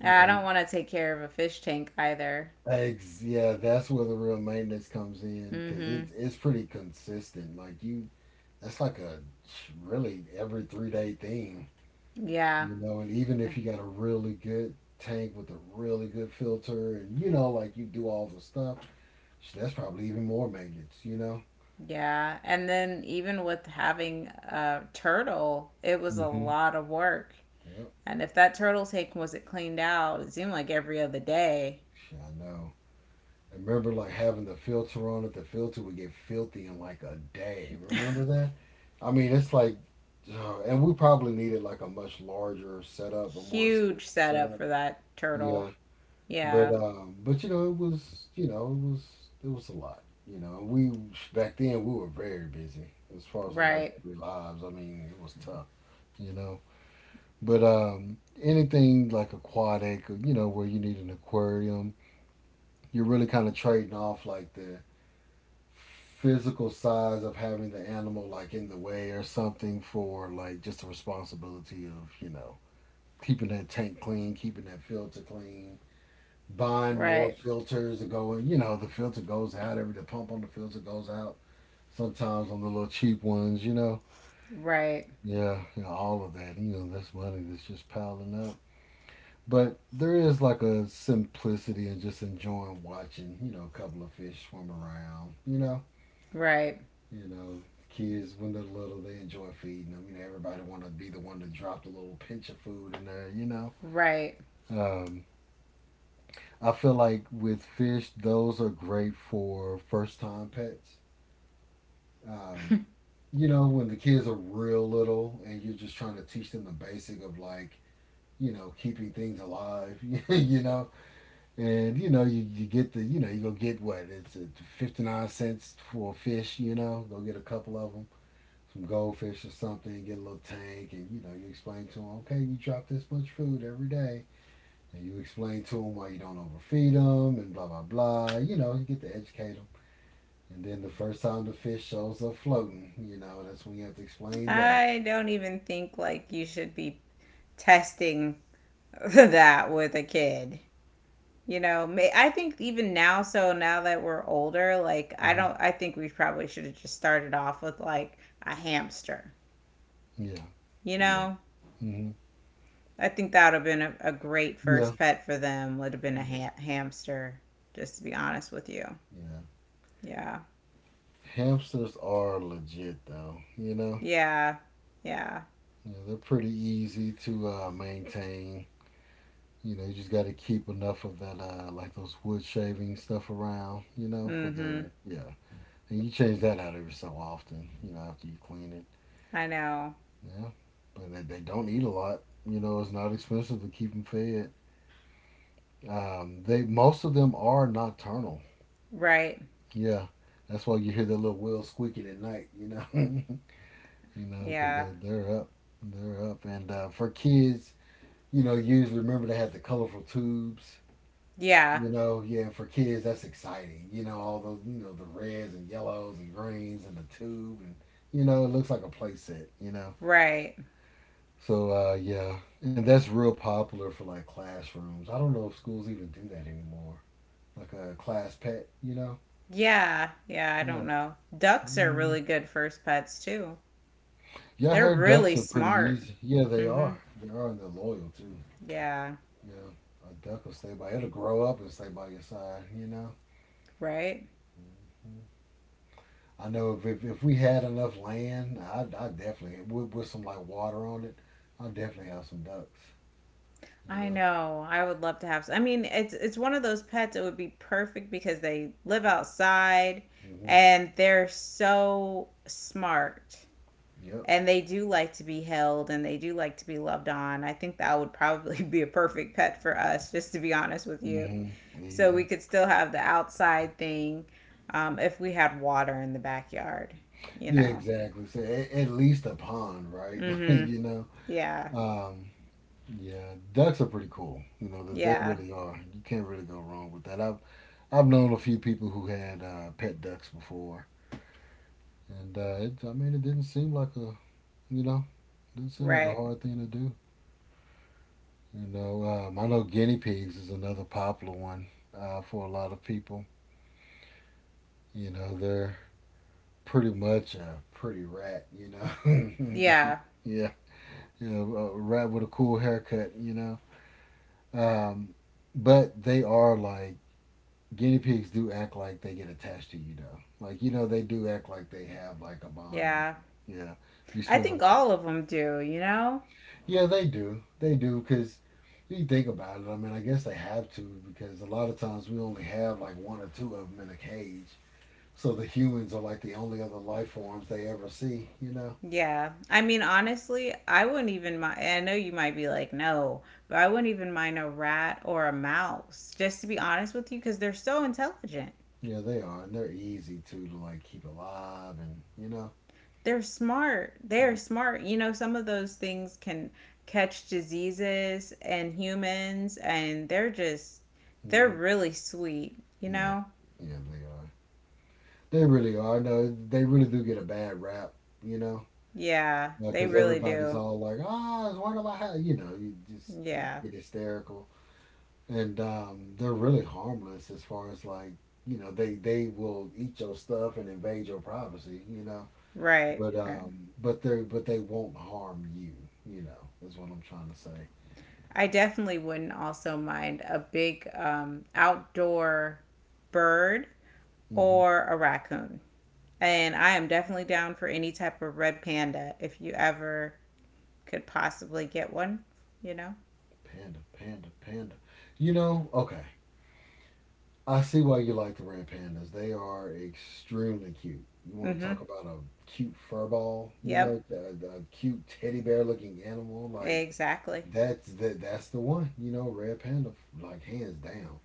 S1: you
S2: I
S1: know,
S2: don't want to take care of a fish tank either.
S1: eggs. Yeah, that's where the real maintenance comes in because
S2: Mm
S1: it's it's pretty consistent. Like you, that's like a really every three day thing.
S2: hmm. Yeah.
S1: You know, and even if you got a really good tank with a really good filter and you know, like you do all the stuff, sh- that's probably even more maintenance, you know?
S2: Yeah. And then even with having a turtle, it was a
S1: Hmm.
S2: lot of work.
S1: Yep.
S2: And if that turtle tank wasn't cleaned out, it seemed like every other day.
S1: Shit, I know. I remember like having the filter on it, the filter would get filthy in like a day. Remember that? I mean, it's like, uh, and we probably needed like a much larger setup, a more serious
S2: Huge setup
S1: setup.
S2: for that
S1: Yeah.
S2: turtle.
S1: But
S2: Yeah,
S1: um, but you know, it was you know, it was it was a lot. You know, we back then we were very busy as far as like our
S2: right,
S1: daily lives. I mean, it was tough. You know, but um, anything like a quad, you know, where you need an aquarium, you're really kind of trading off like the physical size of having the animal like in the way or something for like just the responsibility of you know keeping that tank clean, keeping that filter clean, buying more
S2: right,
S1: filters and going, you know, the filter goes out every the pump on the filter goes out. Sometimes on the little cheap ones, you know.
S2: right,
S1: Yeah, you know, all of that. You know, that's money that's just piling up. But there is like a simplicity and just enjoying watching, you know, a couple of fish swim around, you know.
S2: right,
S1: You know, kids when they're little they enjoy feeding them. You know, everybody wanna be the one to drop the little pinch of food in there, you know.
S2: right.
S1: Um I feel like with fish, those are great for first time pets, um, you know, when the kids are real little and you're just trying to teach them the basic of like, you know, keeping things alive, you know, and you know, you, you get the, you know, you go get what it's uh fifty-nine cents for a fish, you know, go get a couple of them, some goldfish or something, get a little tank, and you know, you explain to them, okay, you drop this much food every day, and you explain to them why you don't overfeed them and blah blah blah. You know, you get to educate them, and then the first time the fish shows up floating, you know, that's when you have to explain that.
S2: I don't even think like you should be testing that with a kid. You know, I think even now, so now that we're older, like I
S1: Hmm.
S2: don't, I think we probably should have just started off with like a hamster.
S1: Yeah,
S2: You
S1: yeah.
S2: know,
S1: Hmm.
S2: I think that would have been a, a great
S1: Yeah,
S2: first pet for them. Would have been a
S1: yeah,
S2: ha- hamster, just to be honest with you.
S1: yeah.
S2: Yeah.
S1: Hamsters are legit though, you know.
S2: Yeah. Yeah.
S1: Yeah, they're pretty easy to uh, maintain. You know, you just got to keep enough of that, uh, like those wood shaving stuff around, you know, for
S2: Mm hmm.
S1: their, yeah. And you change that out every so often, you know, after you clean it.
S2: I know.
S1: Yeah, but they, they don't eat a lot. You know, it's not expensive to keep them fed. Um, they Most of them are nocturnal.
S2: Right.
S1: Yeah, that's why you hear their little wheels squeaking at night. You know, you know, because
S2: Yeah.
S1: they're they're up, they're up. And uh, for kids, you know, use remember they have the colorful tubes.
S2: Yeah.
S1: You know, yeah, for kids that's exciting. You know, all those, you know, the reds and yellows and greens and the tube, and you know it looks like a play set. You know,
S2: Right.
S1: so uh, yeah, and that's real popular for like classrooms. I don't know if schools even do that anymore. Like a class pet, you know.
S2: Yeah. Yeah. I
S1: Yeah.
S2: don't know. Ducks are
S1: Mm.
S2: really good first pets, too.
S1: Yeah, I
S2: They're
S1: heard ducks
S2: really
S1: are pretty
S2: smart.
S1: easy. Yeah, they
S2: Mm hmm.
S1: are. They are, and they're loyal too.
S2: Yeah.
S1: Yeah, a duck will stay by. It'll grow up and stay by your side. You know.
S2: Right.
S1: I know if if, if we had enough land, I I definitely with with some like water on it, I definitely have some ducks. You
S2: I
S1: know.
S2: know. I would love to have. I mean, it's it's one of those pets. It would be perfect because they live outside,
S1: Hmm.
S2: and they're so smart,
S1: Yep.
S2: and they do like to be held, and they do like to be loved on. I think that would probably be a perfect pet for us, just to be honest with you.
S1: Hmm.
S2: So we
S1: Easy.
S2: could still have the outside thing, um, if we had water in the backyard. You
S1: Yeah,
S2: know.
S1: exactly. So at, at least a pond, right? Like,
S2: Mm-hmm.
S1: you know.
S2: Yeah.
S1: Um, Yeah, ducks are pretty cool. You know that they
S2: Yeah.
S1: really are. You can't really go wrong with that. I've I've known a few people who had uh, pet ducks before, and uh, it, I mean it didn't seem like a, you know didn't seem like a
S2: Right.
S1: hard thing to do. You know, um, I know guinea pigs is another popular one, uh, for a lot of people. You know, they're pretty much a pretty rat. You know,
S2: Yeah.
S1: yeah, yeah, a rat with a cool haircut. You know, um, but they are like, guinea pigs do act like they get attached to you though, like you know they do act like they have like a bond with
S2: Yeah.
S1: you. Yeah, you
S2: I
S1: spend a
S2: think
S1: lot.
S2: all of them do, you know?
S1: Yeah, they do, they do, because you think about it. I mean, I guess they have to because a lot of times we only have like one or two of them in a cage, so the humans are like the only other life forms they ever see, you know.
S2: Yeah. I mean, honestly, I wouldn't even mind. I know you might be like, no, but I wouldn't even mind a rat or a mouse, just to be honest with you, because they're so intelligent.
S1: Yeah, they are, and they're easy too to like keep alive, and you know.
S2: They're smart. They're smart. You know, some of those things can catch diseases in humans, and they're just, they're
S1: Hmm.
S2: really sweet, you
S1: Yeah,
S2: know?
S1: yeah, they are. They really are. No, they really do get a bad rap, you know,
S2: Yeah, they
S1: because
S2: really
S1: everybody's
S2: do.
S1: all like, ah, it's one of my house. You know, you just get,
S2: Yeah,
S1: get hysterical, and um, they're really harmless as far as like, you know, they they will eat your stuff and invade your privacy. You know,
S2: right,
S1: but
S2: right.
S1: um, but they, but they won't harm you. You know, is what I'm trying to say.
S2: I definitely wouldn't also mind a big um, outdoor bird
S1: Hmm.
S2: or a raccoon. And I am definitely down for any type of red panda, if you ever could possibly get one, you know?
S1: Panda, panda, panda. You know, okay. I see why you like the red pandas. They are extremely cute. You want
S2: Mm
S1: to
S2: hmm.
S1: talk about a cute furball, you know,
S2: Yep,
S1: a, a cute teddy bear looking animal, like
S2: exactly.
S1: that's the that's the one, you know, red panda, like hands down.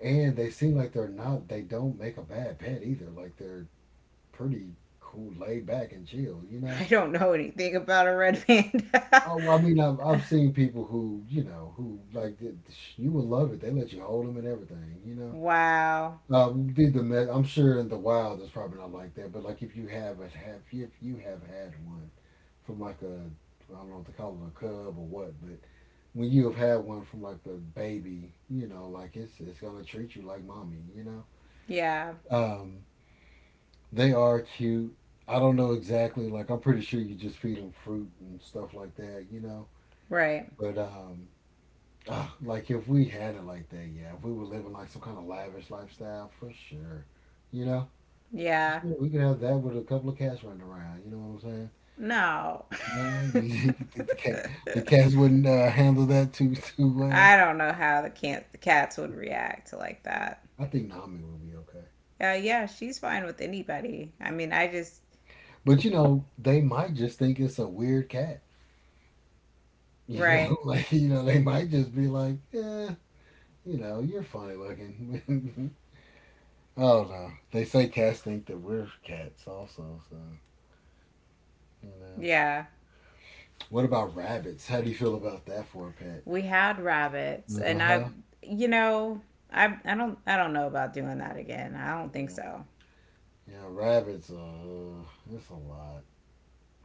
S1: And they seem like they're not, they don't make a bad pet either. Like, they're pretty cool, laid back and chill, you know.
S2: I don't know anything about a red panda.
S1: Oh, well, I mean, I've, I've seen people who, you know, who like, th- sh- you would love it. They let you hold them and everything, you know.
S2: Wow.
S1: Um, be the me- I'm sure in the wild it's probably not like that, but like if you have a have if you have had one from like a, I don't know what to call it, a cub or what, but when you have had one from like a baby, you know, like it's it's gonna treat you like mommy, you know.
S2: Yeah,
S1: Um, they are cute. I don't know exactly. Like I'm pretty sure you just feed them fruit and stuff like that, you know.
S2: right.
S1: But um, ah, like if we had it like that, yeah, if we were living like some kind of lavish lifestyle for sure, you know.
S2: Yeah.
S1: Sure, we could have that with a couple of cats running around. You know what I'm saying?
S2: No.
S1: No, you, you think the cat the cats wouldn't uh, handle that too too well?
S2: I don't know how the, can- the cats would react like that.
S1: I think Nami would be okay.
S2: Uh, yeah, she's fine with anybody. I mean, I just.
S1: But you know, they might just think it's a weird cat. You know,
S2: Right.
S1: like you know, they might just be like, yeah, you know, you're funny looking. Oh no, they say cats think that we're cats also. So you know,
S2: Yeah.
S1: what about rabbits? How do you feel about that for a pet?
S2: We had rabbits,
S1: Uh
S2: and I,
S1: huh.
S2: you know, I, I don't, I don't know about doing that again. I don't think
S1: Yeah,
S2: so.
S1: yeah, rabbits. Uh, it's a lot.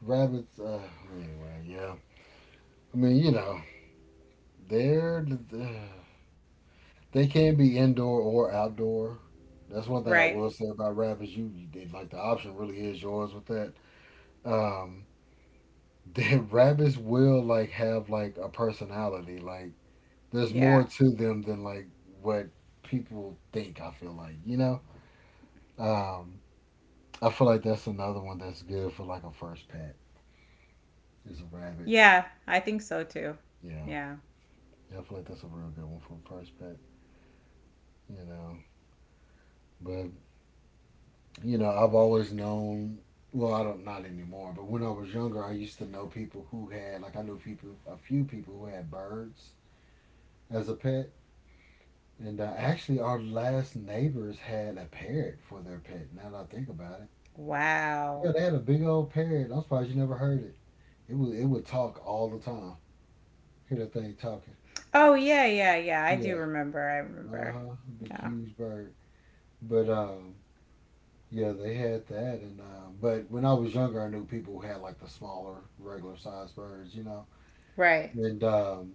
S1: Rabbits. Uh, anyway, yeah. I mean, you know, they're, they can be indoor or outdoor. That's one thing I
S2: Right.
S1: will say about rabbits. You, you like the option really is yours with that. Um, the rabbits will like have like a personality. Like there's
S2: Yeah.
S1: more to them than like what people think. I feel like, you know. Um, I feel like that's another one that's good for like a first pet. Is a rabbit.
S2: Yeah. I think so too.
S1: Yeah,
S2: Yeah.
S1: yeah. I feel like that's a real good one for a first pet. You know. But, you know, I've always known. Well, I don't, not anymore. But when I was younger, I used to know people who had like, I knew people, a few people who had birds as a pet. And uh, actually, our last neighbors had a parrot for their pet. Now that I think about it,
S2: Wow.
S1: yeah, they had a big old parrot. I'm surprised you never heard it. It would it would talk all the time. Hear that thing talking.
S2: Oh, yeah, yeah, yeah. I
S1: Yeah,
S2: do remember. I
S1: uh
S2: remember.
S1: huh, big
S2: Yeah.
S1: huge bird. But um, Yeah, they had that, and uh, but when I was younger, I knew people who had like the smaller, regular sized birds, you know.
S2: Right.
S1: And um,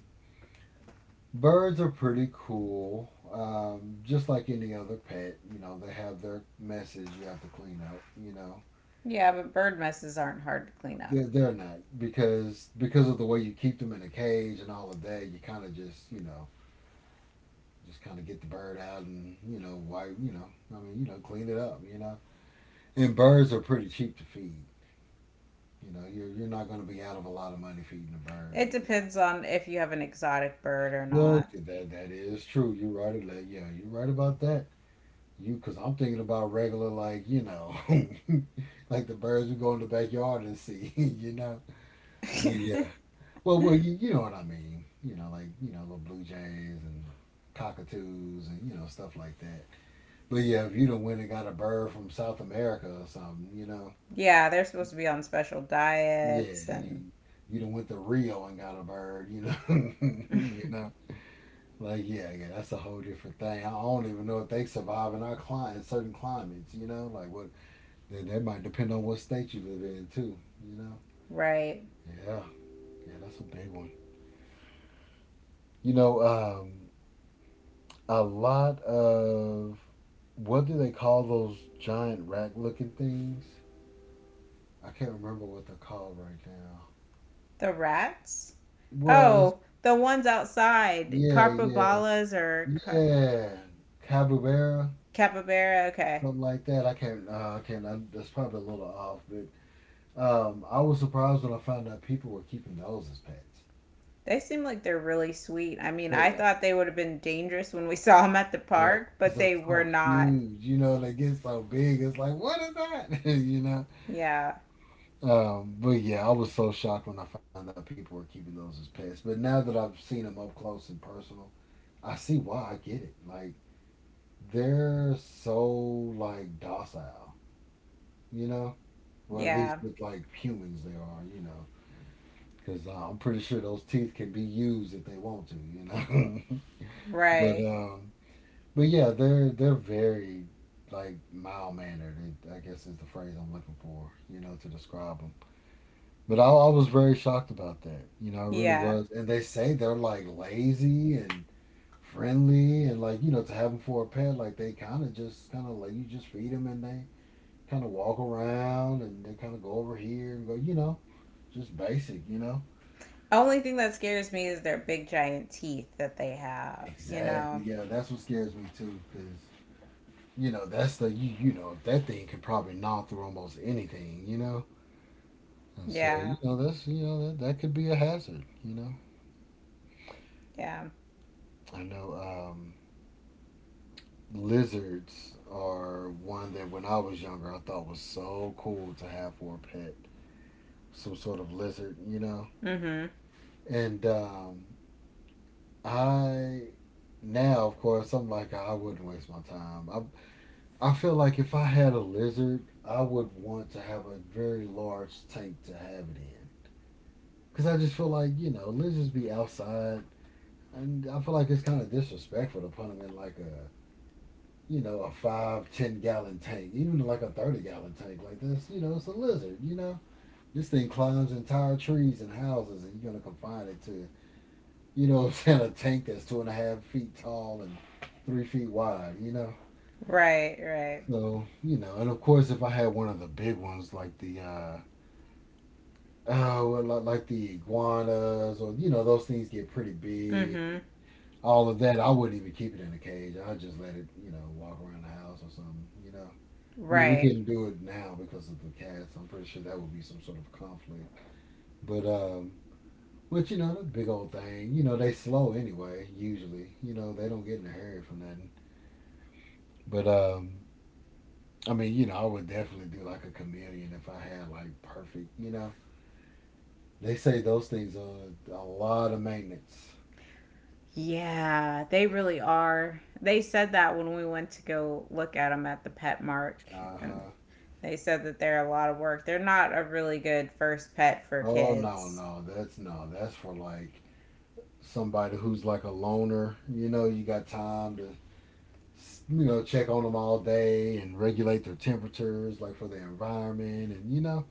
S1: birds are pretty cool, um, just like any other pet. You know, they have their messes you have to clean up. You know,
S2: Yeah, but bird messes aren't hard to clean up.
S1: they're, they're not, because because of the way you keep them in a cage and all of that. You kind of just, you know, just kind of get the bird out, and you know, wipe, you know, I mean, you know, clean it up. You know, and birds are pretty cheap to feed. You know, you're you're not going to be out of a lot of money feeding a bird.
S2: It
S1: You know,
S2: depends on if you have an exotic bird or
S1: well,
S2: not.
S1: that that is true. You're right. Like, yeah, you're right about that. You, because I'm thinking about regular, like, you know, like the birds we go in the backyard and see. You know, well, yeah. Well, well, you, you know what I mean. You know, like you know, little blue jays and cockatoos and you know stuff like that. But yeah, if you done went and got a bird from South America or something, you know,
S2: Yeah, they're supposed to be on special
S1: yeah,
S2: diets, and
S1: you you done went to Rio and got a bird. You know, you know. Like yeah, yeah, that's a whole different thing. I don't even know if they survive in our climate, certain climates. You know, like what that, that might depend on what state you live in too. You know,
S2: right.
S1: yeah, yeah, that's a big one. You know, um, a lot of what do they call those giant rack looking things? I can't remember what they're called right now.
S2: The rats?
S1: Well, it's,
S2: Oh, the ones outside,
S1: yeah, yeah,
S2: Capybaras, or car-
S1: yeah, capybara,
S2: capybara. Okay.
S1: something like that. I can't, uh, I can't. I, that's probably a little off, but Um, I was surprised when I found out people were keeping those as pets.
S2: They seem like they're really sweet. I mean, I
S1: They are,
S2: thought they would have been dangerous when we saw them at the
S1: yeah, because
S2: park,
S1: 'cause
S2: but
S1: they're
S2: they were
S1: so
S2: not.
S1: huge, you know, they get so big. It's like, what is that? you know?
S2: Yeah.
S1: Um, but yeah, I was so shocked when I found out people were keeping those as pets. But now that I've seen them up close and personal, I see why. I get it. Like they're so like docile, you know, or at least
S2: Yeah.
S1: with like humans they are, you know, because uh, I'm pretty sure those teeth can be used if they want to, you know. but
S2: Right.
S1: um, But yeah, they're they're very like mild mannered. I guess is the phrase I'm looking for, you know, to describe them. But I, I was very shocked about that. You know, I really
S2: Yeah.
S1: was. And they say they're like lazy and friendly and like you know to have them for a pet, like they kind of just kind of like you just feed them and they kind of walk around and they kind of go over here and go, you know, just basic, you know.
S2: Only thing that scares me is their big giant teeth that they have, you
S1: Exactly.
S2: know.
S1: Yeah, that's what scares me too, because you know that's the you you know that thing could probably gnaw through almost anything, you know. And so,
S2: Yeah.
S1: you know, that's you know that that could be a hazard. You know,
S2: Yeah.
S1: I know um, lizards are one that when I was younger I thought was so cool to have for a pet, some sort of lizard. You know,
S2: Mhm.
S1: and um, I now, of course, I'm like I wouldn't waste my time. I I feel like if I had a lizard, I would want to have a very large tank to have it in, because I just feel like you know lizards be outside. And I feel like it's kind of disrespectful to put them in like a, you know, a five, ten gallon tank, even like a thirty gallon tank like this. You know, it's a lizard. You know, this thing climbs entire trees and houses, and you're gonna confine it to, you know, what I'm saying a tank that's two and a half feet tall and three feet wide. You know,
S2: Right, right.
S1: so you know, and of course, if I had one of the big ones like the, uh, oh, well, like the iguanas or you know, those things get pretty big.
S2: Mhm.
S1: All of that, I wouldn't even keep it in a cage. I'd just let it, you know, walk around the house or something, you know. I mean, we
S2: Right.
S1: couldn't do it now because of the cats. I'm pretty sure that would be some sort of conflict. But, um, but you know, the big old thing, you know, they slow anyway, usually. You know, they don't get in a hurry for nothing. But, um, I mean, you know, I would definitely do like a chameleon if I had like perfect, you know. They say those things are a lot of maintenance.
S2: Yeah, they really are. They said that when we went to go look at them at the pet mark,
S1: Uh
S2: and
S1: huh.
S2: they said that they're a lot of work. They're not a really good first pet for
S1: Oh no,
S2: kids.
S1: no, that's no, that's for like somebody who's like a loner. You know, you got time to you know check on them all day and regulate their temperatures, like for the environment, and you know,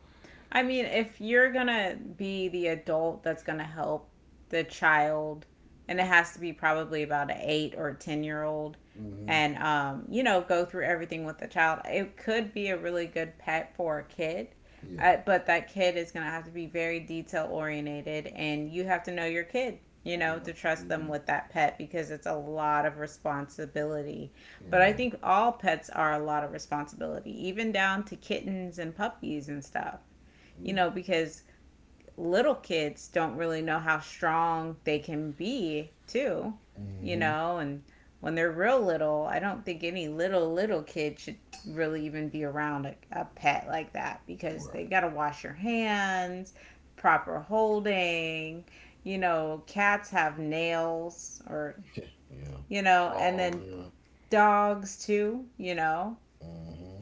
S2: I mean, if you're gonna be the adult that's gonna help the child, and it has to be probably about an eight or ten year old,
S1: mm-hmm.
S2: and um, you know, go through everything with the child, it could be a really good pet for a kid.
S1: Yeah,
S2: Uh, but that kid is gonna have to be very detail oriented, and you have to know your kid. You know,
S1: yeah,
S2: to trust
S1: you do.
S2: them with that pet, because it's a lot of responsibility. But I
S1: Yeah,
S2: think all pets are a lot of responsibility, even down to kittens and puppies and stuff, you
S1: yeah,
S2: know, because little kids don't really know how strong they can be, too, you
S1: mm-hmm.
S2: know, and when they're real little, I don't think any little, little kid should really even be around a, a pet like that because
S1: Right,
S2: they got to wash your hands, proper holding, you know, cats have nails or,
S1: yeah, yeah,
S2: you know, and
S1: claws,
S2: then
S1: yeah,
S2: dogs too, you know,
S1: mm-hmm.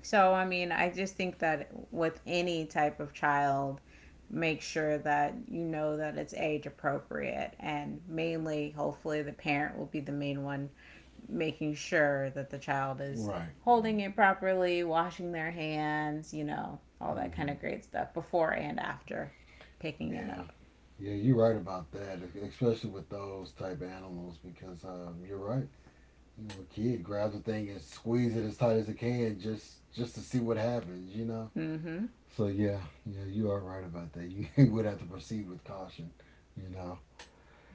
S2: so, I mean, I just think that with any type of child, make sure that you know that it's age appropriate. And mainly, hopefully, the parent will be the main one making sure that the child is
S1: Right, right,
S2: holding it properly, washing their hands, you know, all that kind
S1: mm-hmm.
S2: of great stuff before and after picking it
S1: Yeah.
S2: up.
S1: Yeah, you're right about that, especially with those type animals, because um, you're right. You know, a kid grabs a thing and squeeze it as tight as it can just just to see what happens, you know.
S2: Mm hmm.
S1: So yeah, yeah, you are right about that. You would have to proceed with caution, you know.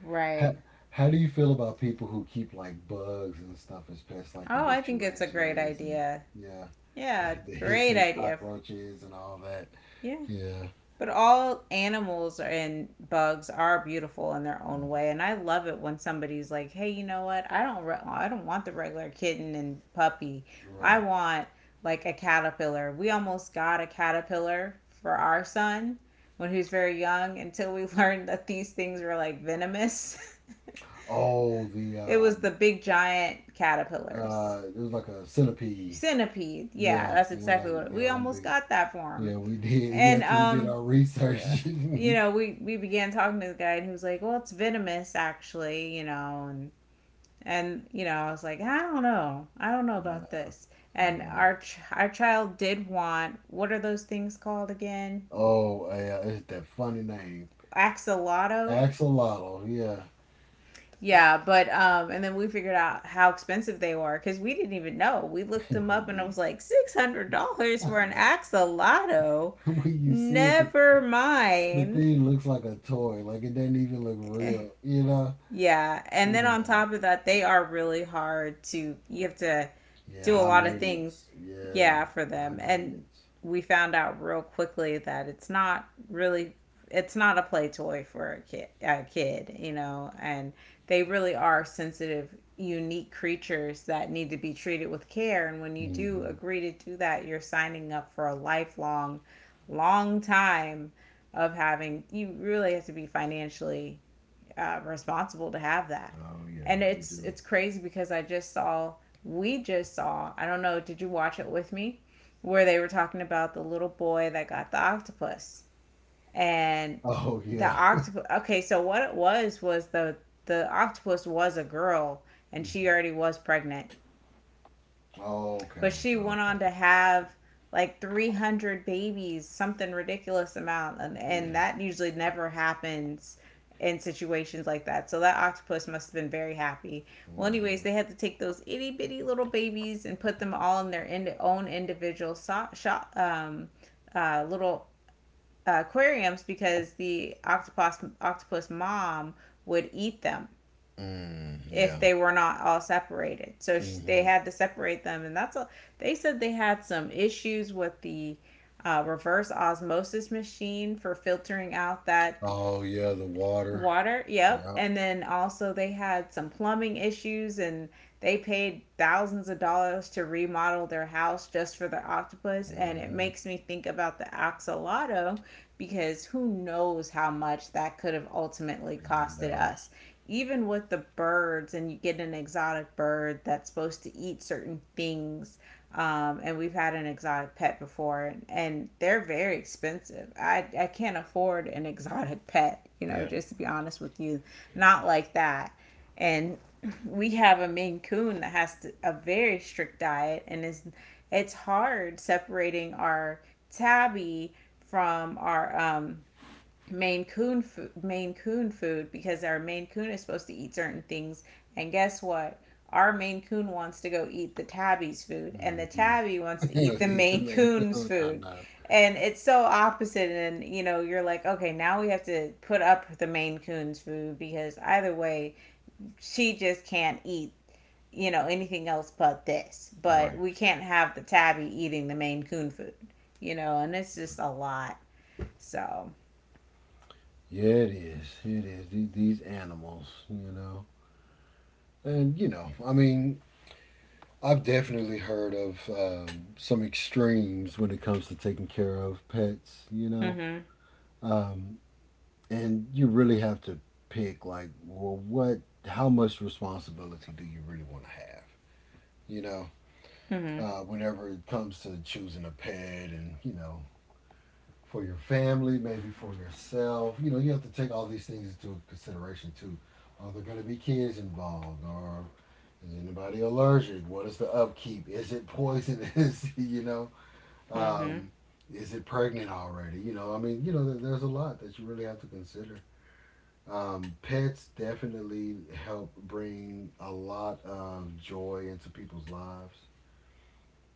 S2: Right.
S1: How, how do you feel about people who keep like bugs and stuff as pets, like the
S2: Oh,
S1: big
S2: I think it's a great
S1: tarantulas and
S2: idea.
S1: yeah,
S2: Yeah,
S1: the the
S2: great
S1: hissing
S2: idea.
S1: cockroaches and all that?
S2: Yeah.
S1: Yeah,
S2: But all animals and bugs are beautiful in their
S1: yeah,
S2: own way, and I love it when somebody's like, "Hey, you know what? I don't, re- I don't want the regular kitten and puppy. I
S1: right.
S2: want like a caterpillar. We almost got a caterpillar for our son when he was very young, until we learned that these things were like venomous.
S1: Oh, the
S2: It was
S1: um,
S2: the big giant caterpillars,
S1: uh, it was like a centipede.
S2: centipede. Yeah,
S1: Yeah,
S2: that's
S1: it was
S2: exactly
S1: like
S2: what it, we
S1: yeah, them
S2: almost
S1: big.
S2: got that for him.
S1: Yeah, we did.
S2: And
S1: Yes, we did
S2: um,
S1: our
S2: yeah.
S1: research.
S2: You know, we we began talking to the guy, and he was like, "Well, it's venomous, actually." You know, and and you know, I was like, "I don't know. I don't know
S1: Nah,
S2: about this."
S1: I
S2: And
S1: know.
S2: our ch- our child did want, what are those things called again?
S1: Oh, yeah, it's that funny name.
S2: Axolotl.
S1: Axolotl. Yeah,
S2: Yeah, but um, and then we figured out how expensive they were because we didn't even know. We looked them
S1: we
S2: up, and I was
S1: did.
S2: like, six hundred dollars
S1: I
S2: for an
S1: know.
S2: axolotl.
S1: When you see it, the,
S2: Never
S1: the
S2: mind.
S1: thing looks like a toy. Like it doesn't even look real, you know?
S2: Yeah, and
S1: You
S2: then on
S1: know.
S2: top of that, they are really hard to. You have to
S1: Yeah,
S2: do a
S1: high
S2: lot of things,
S1: maintenance. Yeah,
S2: yeah, for
S1: high
S2: them. And
S1: maintenance.
S2: we found out real quickly that it's not really, it's not a play toy for a kid, a kid, you know. And they really are sensitive, unique creatures that need to be treated with care. And when you do
S1: Hmm.
S2: agree to do that, you're signing up for a lifelong, long time of having. You really have to be financially uh, responsible to have that.
S1: Oh, yeah,
S2: And
S1: you
S2: it's
S1: do.
S2: it's crazy because I just saw we just saw, I don't know, did you watch it with me where they were talking about the little boy that got the octopus? And
S1: Oh,
S2: the
S1: yeah.
S2: octopus, okay, so what it was was the the octopus was a girl, and
S1: Mhm.
S2: she already was pregnant, but
S1: Okay,
S2: she went
S1: okay.
S2: on to have like three hundred babies, something ridiculous amount. And, and
S1: Yeah.
S2: that usually never happens in situations like that. So that octopus must have been very happy. Well, anyways,
S1: Hmm.
S2: they had to take those itty bitty little babies and put them all in their ind- own individual so- shop, um, uh, little, uh, aquariums, because the octopus octopus mom would eat them
S1: Mm,
S2: if
S1: yeah.
S2: they were not all separated. So sh- they
S1: Hmm.
S2: had to separate them, and that's all. They said they had some issues with the uh, reverse osmosis machine for filtering out that
S1: Oh yeah, the water.
S2: water, yep.
S1: Yep.
S2: And then also they had some plumbing issues, and they paid thousands of dollars to remodel their house just for their octopus, and it
S1: Hmm.
S2: makes me think about the axolotl because who knows how much that could have ultimately
S1: I
S2: costed
S1: know.
S2: us. Even with the birds, and you get an exotic bird that's supposed to eat certain things, um, and we've had an exotic pet before, and they're very expensive. I, I can't afford an exotic pet, you know,
S1: Yeah.
S2: just to be honest with you. Not like that. And we have a Maine Coon that has to, a very strict diet, and it's, it's hard separating our tabby from our um, Maine Coon fo- Maine Coon food because our Maine Coon is supposed to eat certain things, and guess what? Our Maine Coon wants to go eat the tabby's food, and the
S1: Hmm.
S2: tabby wants to eat the
S1: Eat the
S2: Maine
S1: main
S2: Coon's
S1: cow. Nah,
S2: food,
S1: nah.
S2: and it's so opposite. And you know, you're like, okay, now we have to put up the Maine Coon's food because either way, she just can't eat, you know, anything else but this. But
S1: Right.
S2: we can't have the tabby eating the Maine Coon food, you know, and it's just a lot. So,
S1: Yeah, it is. It is. The- These animals, you know. And, you know, I mean, I've definitely heard of um, some extremes when it comes to taking care of pets, you know.
S2: mm-hmm,
S1: Um, and you really have to pick, like, well, what, how much responsibility do you really want to have, you know?
S2: mm-hmm.
S1: Uh, whenever it comes to choosing a pet, and you know, for your family, maybe for yourself, you know, you have to take all these things into consideration too. Are there going to be kids involved, or is anybody allergic? What is the upkeep? Is it poisonous? You know,
S2: Mm-hmm.
S1: um, is it pregnant already? You know, I mean, you know, there- there's a lot that you really have to consider. Um, pets definitely help bring a lot of joy into people's lives.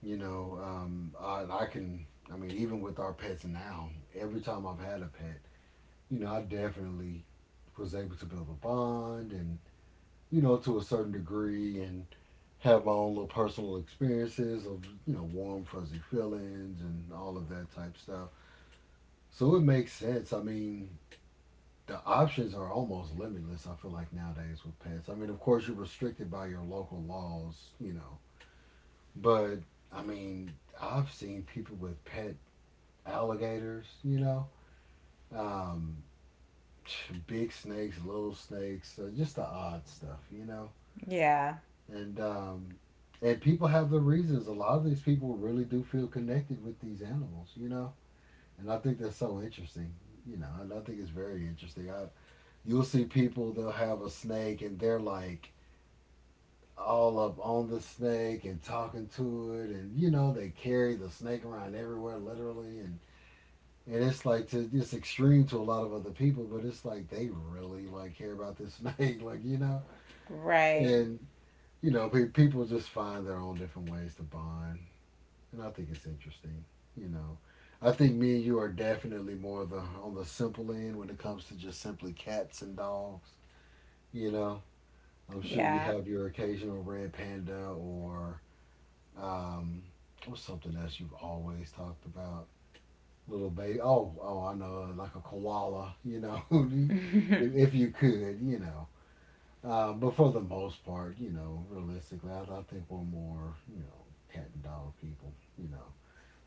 S1: You know, um, I, I can, I mean, even with our pets now, every time I've had a pet, you know, I definitely was able to build a bond, and you know, to a certain degree, and have my own little personal experiences of you know warm fuzzy feelings and all of that type stuff. So it makes sense. I mean, the options are almost limitless. I feel like nowadays with pets, I mean, of course you're restricted by your local laws, you know. But I mean, I've seen people with pet alligators, you know, um, big snakes, little snakes, uh, just the odd stuff, you know.
S2: Yeah.
S1: And um, and people have their reasons. A lot of these people really do feel connected with these animals, you know. And I think that's so interesting, you know. And I think it's very interesting. I, you'll see people they'll have a snake and they're like all up on the snake and talking to it, and you know they carry the snake around everywhere literally, and and it's like to it's extreme to a lot of other people, but it's like they really like care about this snake, like you know,
S2: Right.
S1: and you know pe- people just find their own different ways to bond, and I think it's interesting, you know. I think me and you are definitely more the on the simple end when it comes to just simply cats and dogs. You know, I'm sure you
S2: Yeah.
S1: have your occasional red panda or um, what's something else you've always talked about. Little baby. Oh, oh, I know, uh, like a koala, you know,
S2: I
S1: if, if you could, you know. Uh, but for the most part, you know, realistically, I, I think we're more, you know, cat and dog people, you know.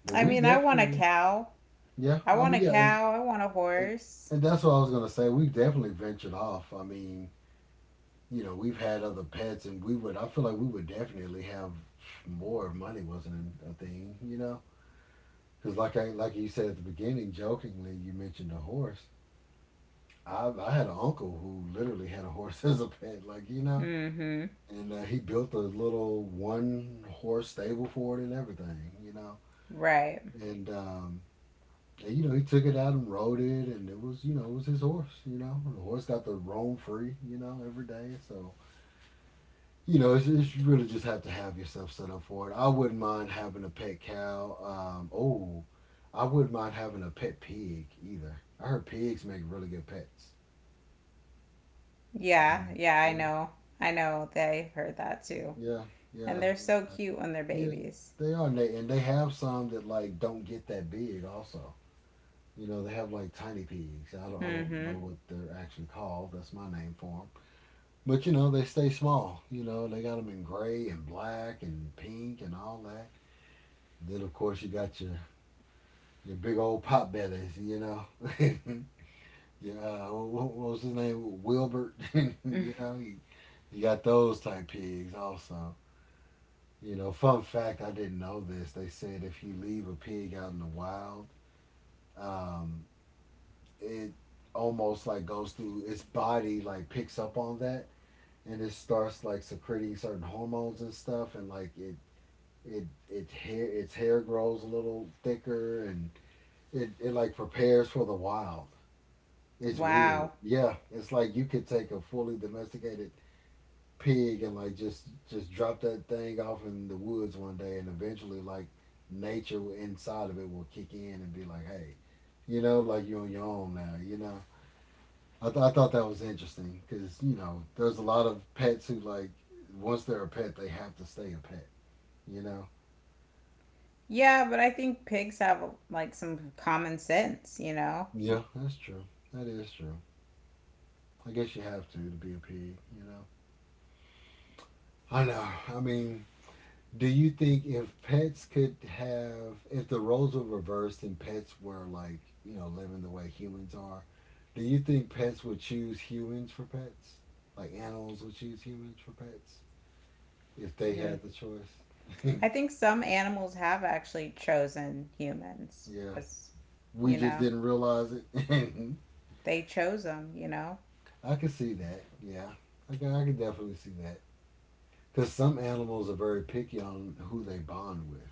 S1: But we
S2: mean, I want a
S1: definitely,
S2: cow.
S1: yeah,
S2: I
S1: I
S2: want
S1: mean,
S2: a
S1: yeah, and,
S2: cow. I want a
S1: and,
S2: horse.
S1: and that's what I was going to say. We've definitely ventured off. I mean, you know, we've had other pets, and we would, I feel like we would definitely have more if money wasn't a thing, you know. Because like I, like you said at the beginning, jokingly, you mentioned a horse. I, I had an uncle who literally had a horse as a pet, like you know,
S2: Mm-hmm.
S1: and uh, he built a little one horse stable for it and everything, you know,
S2: Right.
S1: and um, and you know he took it out and rode it, and it was you know it was his horse, you know, and the horse got to roam free, you know, every day. So you know it's, it's you really just have to have yourself set up for it. I wouldn't mind having a pet cow. Um, oh, I wouldn't mind having a pet pig either. I heard pigs make really good pets.
S2: Yeah. Yeah, I
S1: You know?
S2: know. I know. They've heard that too.
S1: Yeah,
S2: And
S1: yeah,
S2: they're
S1: and,
S2: so
S1: uh,
S2: cute when they're
S1: yeah.
S2: babies.
S1: They are, and they, and they have some that like don't get that big. Also, you know, they have like tiny pigs. I don't, I don't know
S2: Mm-hmm.
S1: what they're actually called. That's my name for them. But you know, they stay small. You know, they got them in gray and black and pink and all that. Then of course you got your your big old pot bellies. You know, yeah. What, what was his name? Wilbert. you know, you, you got those type pigs also. You know, fun fact, I didn't know this. They said if you leave a pig out in the wild, um, it almost like goes through its body, like picks up on that, and it starts like secreting certain hormones and stuff, and like it it it hair its hair grows a little thicker, and it it like prepares for the wild. It's weird.
S2: Wow.
S1: Yeah, it's like you could take a fully domesticated pig and like just just drop that thing off in the woods one day and eventually like nature inside of it will kick in and be like, hey, you know like you're on your own now you know i, th- I thought that was interesting, because you know there's a lot of pets who, like, once they're a pet, they have to stay a pet you know
S2: Yeah, but I think pigs have like some common sense, you know?
S1: Yeah. That's true. That is true. I guess you have to to be a pig you know I know, I mean. Do you think if pets could have, if the roles were reversed and pets were like, you know, living the way humans are, do you think pets would choose humans for pets? Like animals would choose humans for pets if they
S2: Hmm.
S1: had the choice?
S2: I think some animals have actually chosen humans
S1: Yeah.
S2: as,
S1: We
S2: you
S1: just
S2: know?
S1: didn't realize it.
S2: They chose him, you know?
S1: I can see that. Yeah. I can, I can definitely see that. Because some animals are very picky on who they bond with.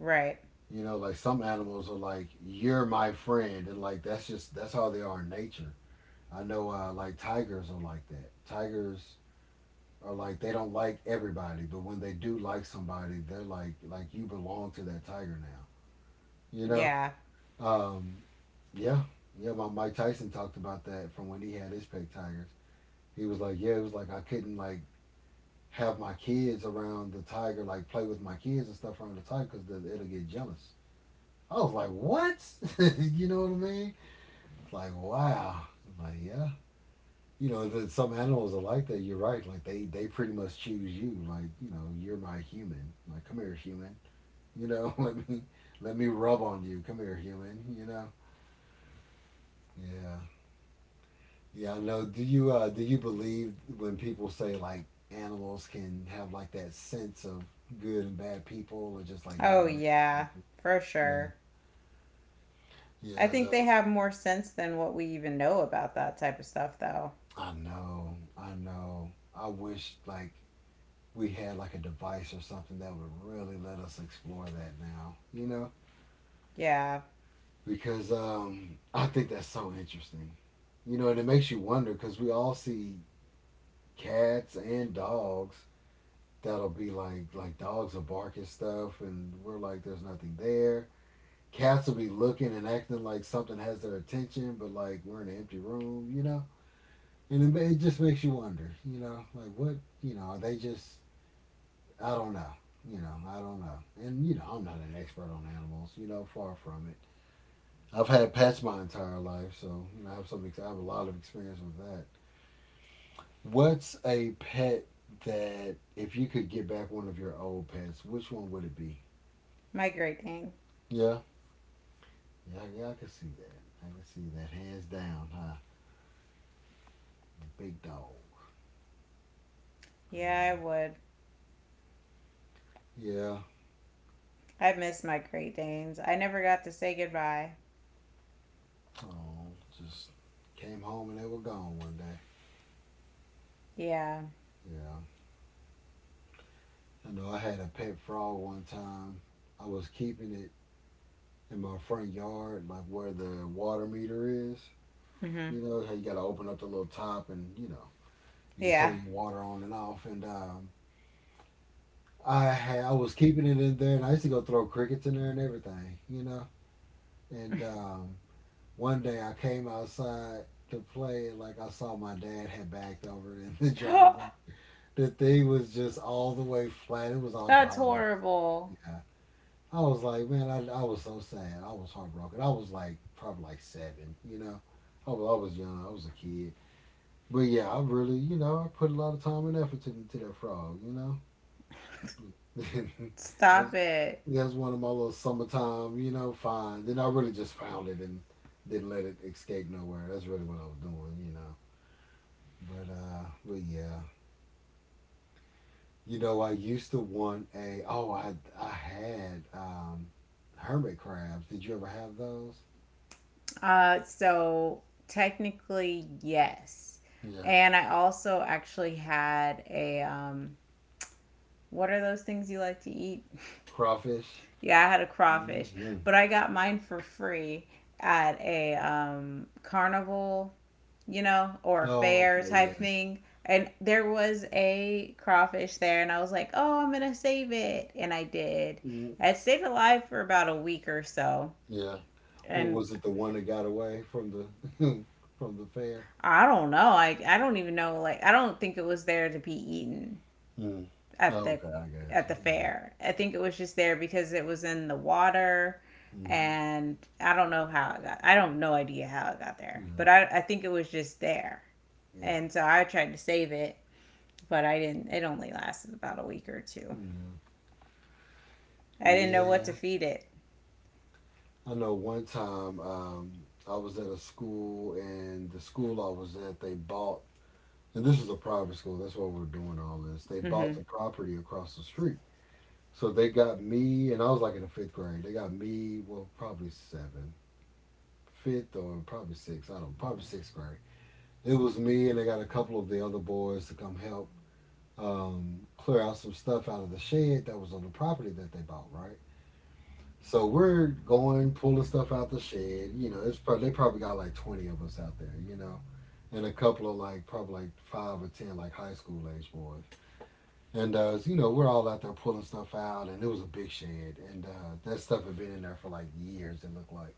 S2: Right.
S1: You know, like some animals are like, "You're my friend." And, like, that's just, that's how they are in nature. I know, uh, like, tigers are like that. Tigers are like, they don't like everybody, but when they do like somebody, they're like like, you belong to that tiger now. You know?
S2: Yeah.
S1: Um, yeah, yeah. My Mike Tyson talked about that from when he had his pet tigers. He was like, yeah, it was like I couldn't, like, have my kids around the tiger, like play with my kids and stuff around the tiger, because it'll get jealous. I was like, "What?" You know what I mean? It's like, wow. I'm like, yeah, you know that some animals are like that, you're right, like they they pretty much choose you, like, you know you're my human, like, come here, human. you know let me let me rub on you, come here, human you know Yeah, yeah. I know. Do you uh do you believe when people say like animals can have like that sense of good and bad people, or just like good
S2: Oh,
S1: and bad
S2: yeah.
S1: energy?
S2: For
S1: Yeah,
S2: sure. I
S1: yeah. I
S2: think they
S1: know,
S2: have more sense than what we even know about that type of stuff, though.
S1: I know, I know. I wish, like, we had like a device or something that would really let us explore that now, you know?
S2: Yeah.
S1: Because um, I think that's so interesting. You know, and it makes you wonder, because we all see cats and dogs that'll be like, like, dogs will bark at stuff and we're like, there's nothing there. Cats will be looking and acting like something has their attention, but like we're in an empty room, you know? And it, it just makes you wonder, you know, like, what, you know, are they just, I don't know. You know, I don't know. And, you know, I'm not an expert on animals, you know, far from it. I've had pets my entire life, so, you know, I have some, ex- I have a lot of experience with that. What's a pet that, if you could get back one of your old pets, which one would it be?
S2: My Great Dane.
S1: Yeah. Yeah, I- yeah, I can see that. I can see that. Hands down, huh? The big dog. And, uh,
S2: Yeah, I would.
S1: yeah.
S2: I miss my Great Danes. I never got to say goodbye.
S1: Oh, just came home and they were gone one day.
S2: Yeah.
S1: Yeah. I know I had a pet frog one time. I was keeping it in my front yard, like where the water meter is.
S2: Hmm.
S1: You know how you got to open up the little top, and you know you can
S2: Yeah.
S1: turn your water on and off. And um, I had I was keeping it in there, and I used to go throw crickets in there and everything. You know, and um, one day I came outside to play, and like I saw my dad had backed over it in the driveway. The thing was just all the way flat. It was all dried
S2: That's
S1: up and stuff.
S2: horrible.
S1: Yeah. I was like, man, I, I was so sad. I was heartbroken. I was like probably like seven, you know. I was, I was young. I was a kid. But yeah, I really, you know, I put a lot of time and effort into to that frog, you know. I
S2: Stop
S1: was,
S2: it.
S1: that's one of my little summertime, you know, finds. Then I really just found it and didn't let it escape nowhere. That's really what I was doing, you know. But uh, but yeah, you know, I used to want a. Oh, I I had um, hermit crabs. Did you ever have those?
S2: Uh, so technically, yes.
S1: Yeah.
S2: And I also actually had a, um, What are those things you like to eat?
S1: Crawfish.
S2: Yeah, I had a crawfish,
S1: Hmm.
S2: but I got mine for free at a, um, carnival, you know, or a
S1: Oh,
S2: fair
S1: okay,
S2: type
S1: yeah,
S2: thing. And there was a crawfish there, and I was like, oh, I'm going to save it. And I did.
S1: mm,
S2: It stayed alive for about a week or so.
S1: yeah. What
S2: And
S1: was it? The one that got away from the from the fair.
S2: I don't know. I, I don't even know. Like, I don't think it was there to be eaten.
S1: Mm.
S2: At
S1: Oh,
S2: the,
S1: okay, I got
S2: at
S1: you.
S2: the
S1: Yeah.
S2: fair. I think it was just there because it was in the water,
S1: Hmm.
S2: and I don't know how it got, I don't no idea how it got there.
S1: Yeah.
S2: But I, I think it was just there.
S1: Yeah.
S2: And so I tried to save it, but I didn't, it only lasted about a week or two. I didn't
S1: Yeah.
S2: know what
S1: Yeah.
S2: to feed it.
S1: I know, one time, um, I was at a school, and the school I was at, they bought, and this was a private school. That's why we're doing all this. They
S2: Mm-hmm.
S1: bought the property across the street. So they got me, and I was like in the fifth grade. They got me, well, probably seven, fifth or probably sixth. I don't know, probably sixth grade. It was me, and they got a couple of the other boys to come help um, clear out some stuff out of the shed that was on the property that they bought, right? So we're going pulling stuff out the shed. You know, it's probably they probably got like twenty of us out there. You know, and a couple of, like, probably like five or ten, like, high school age boys. And uh, you know, we're all out there pulling stuff out, and it was a big shed, and uh, that stuff had been in there for like years. It looked like,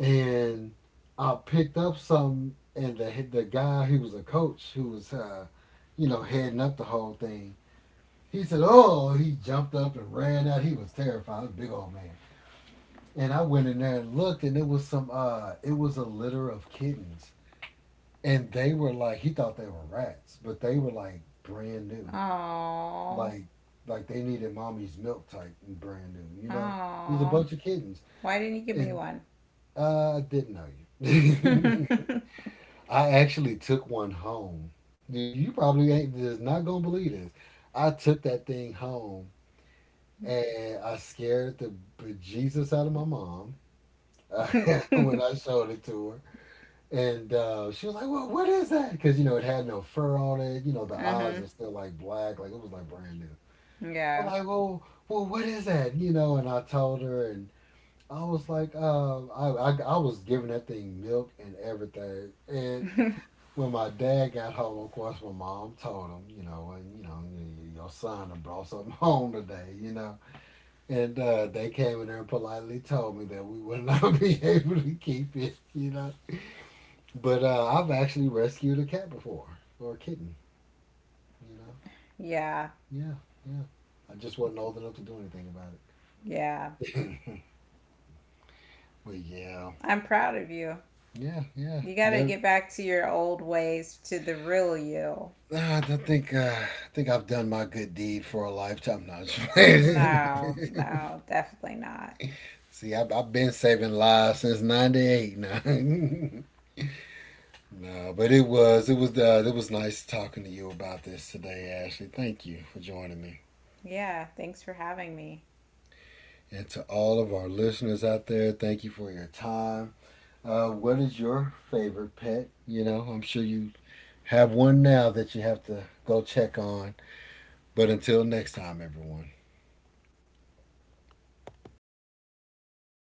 S1: and I picked up some, and the the guy who was a coach, who was, uh, you know, heading up the whole thing. He said, "Oh!" He jumped up and ran out. He was terrified. He was a big old man. And I went in there and looked, and it was some. Uh, it was a litter of kittens, and they were like, he thought they were rats, but they were like brand new,
S2: Aww.
S1: like like they needed mommy's milk type and brand new. You know, it was a
S2: Aww.
S1: bunch of kittens,
S2: Why didn't you give me
S1: and
S2: one?
S1: uh, I didn't know you. I actually took one home. You- You probably ain't just not gonna believe this. I took that thing home and I scared the bejesus out of my mom, uh, when I showed it to her. And uh, she was like, "Well, what is that?" Because you know it had no fur on it. You know the eyes
S2: Mm-hmm.
S1: are still like black, like it was like brand new. I'm
S2: Yeah.
S1: like, "Well, well, what is that?" You know, and I told her, and I was like, uh, I, I I was giving that thing milk and everything, and when my dad got home, of course, my mom told him, you know, and you know, your son had brought something home today, you know, and uh, they came in there and politely told me that we would not be able to keep it, you know. But uh, I've actually rescued a cat before, or a kitten, you know.
S2: Yeah.
S1: Yeah, yeah. I just wasn't old enough to do anything about
S2: Yeah.
S1: it. But yeah,
S2: I'm proud of you.
S1: yeah, yeah.
S2: You gotta
S1: No,
S2: get back to your old ways, to the real you.
S1: nah, I don't think, uh, I think I've done my good deed for a lifetime. No, I'm just
S2: No, no, definitely not.
S1: See, I, I've been saving lives since 'ninety-eight now. No, but it was it was uh, it was nice talking to you about this today, Ashley. Thank you for joining me,
S2: Yeah, thanks for having me.
S1: and to all of our listeners out there, thank you for your time. Uh, what is your favorite pet? You know, I'm sure you have one now that you have to go check on. But until next time, everyone.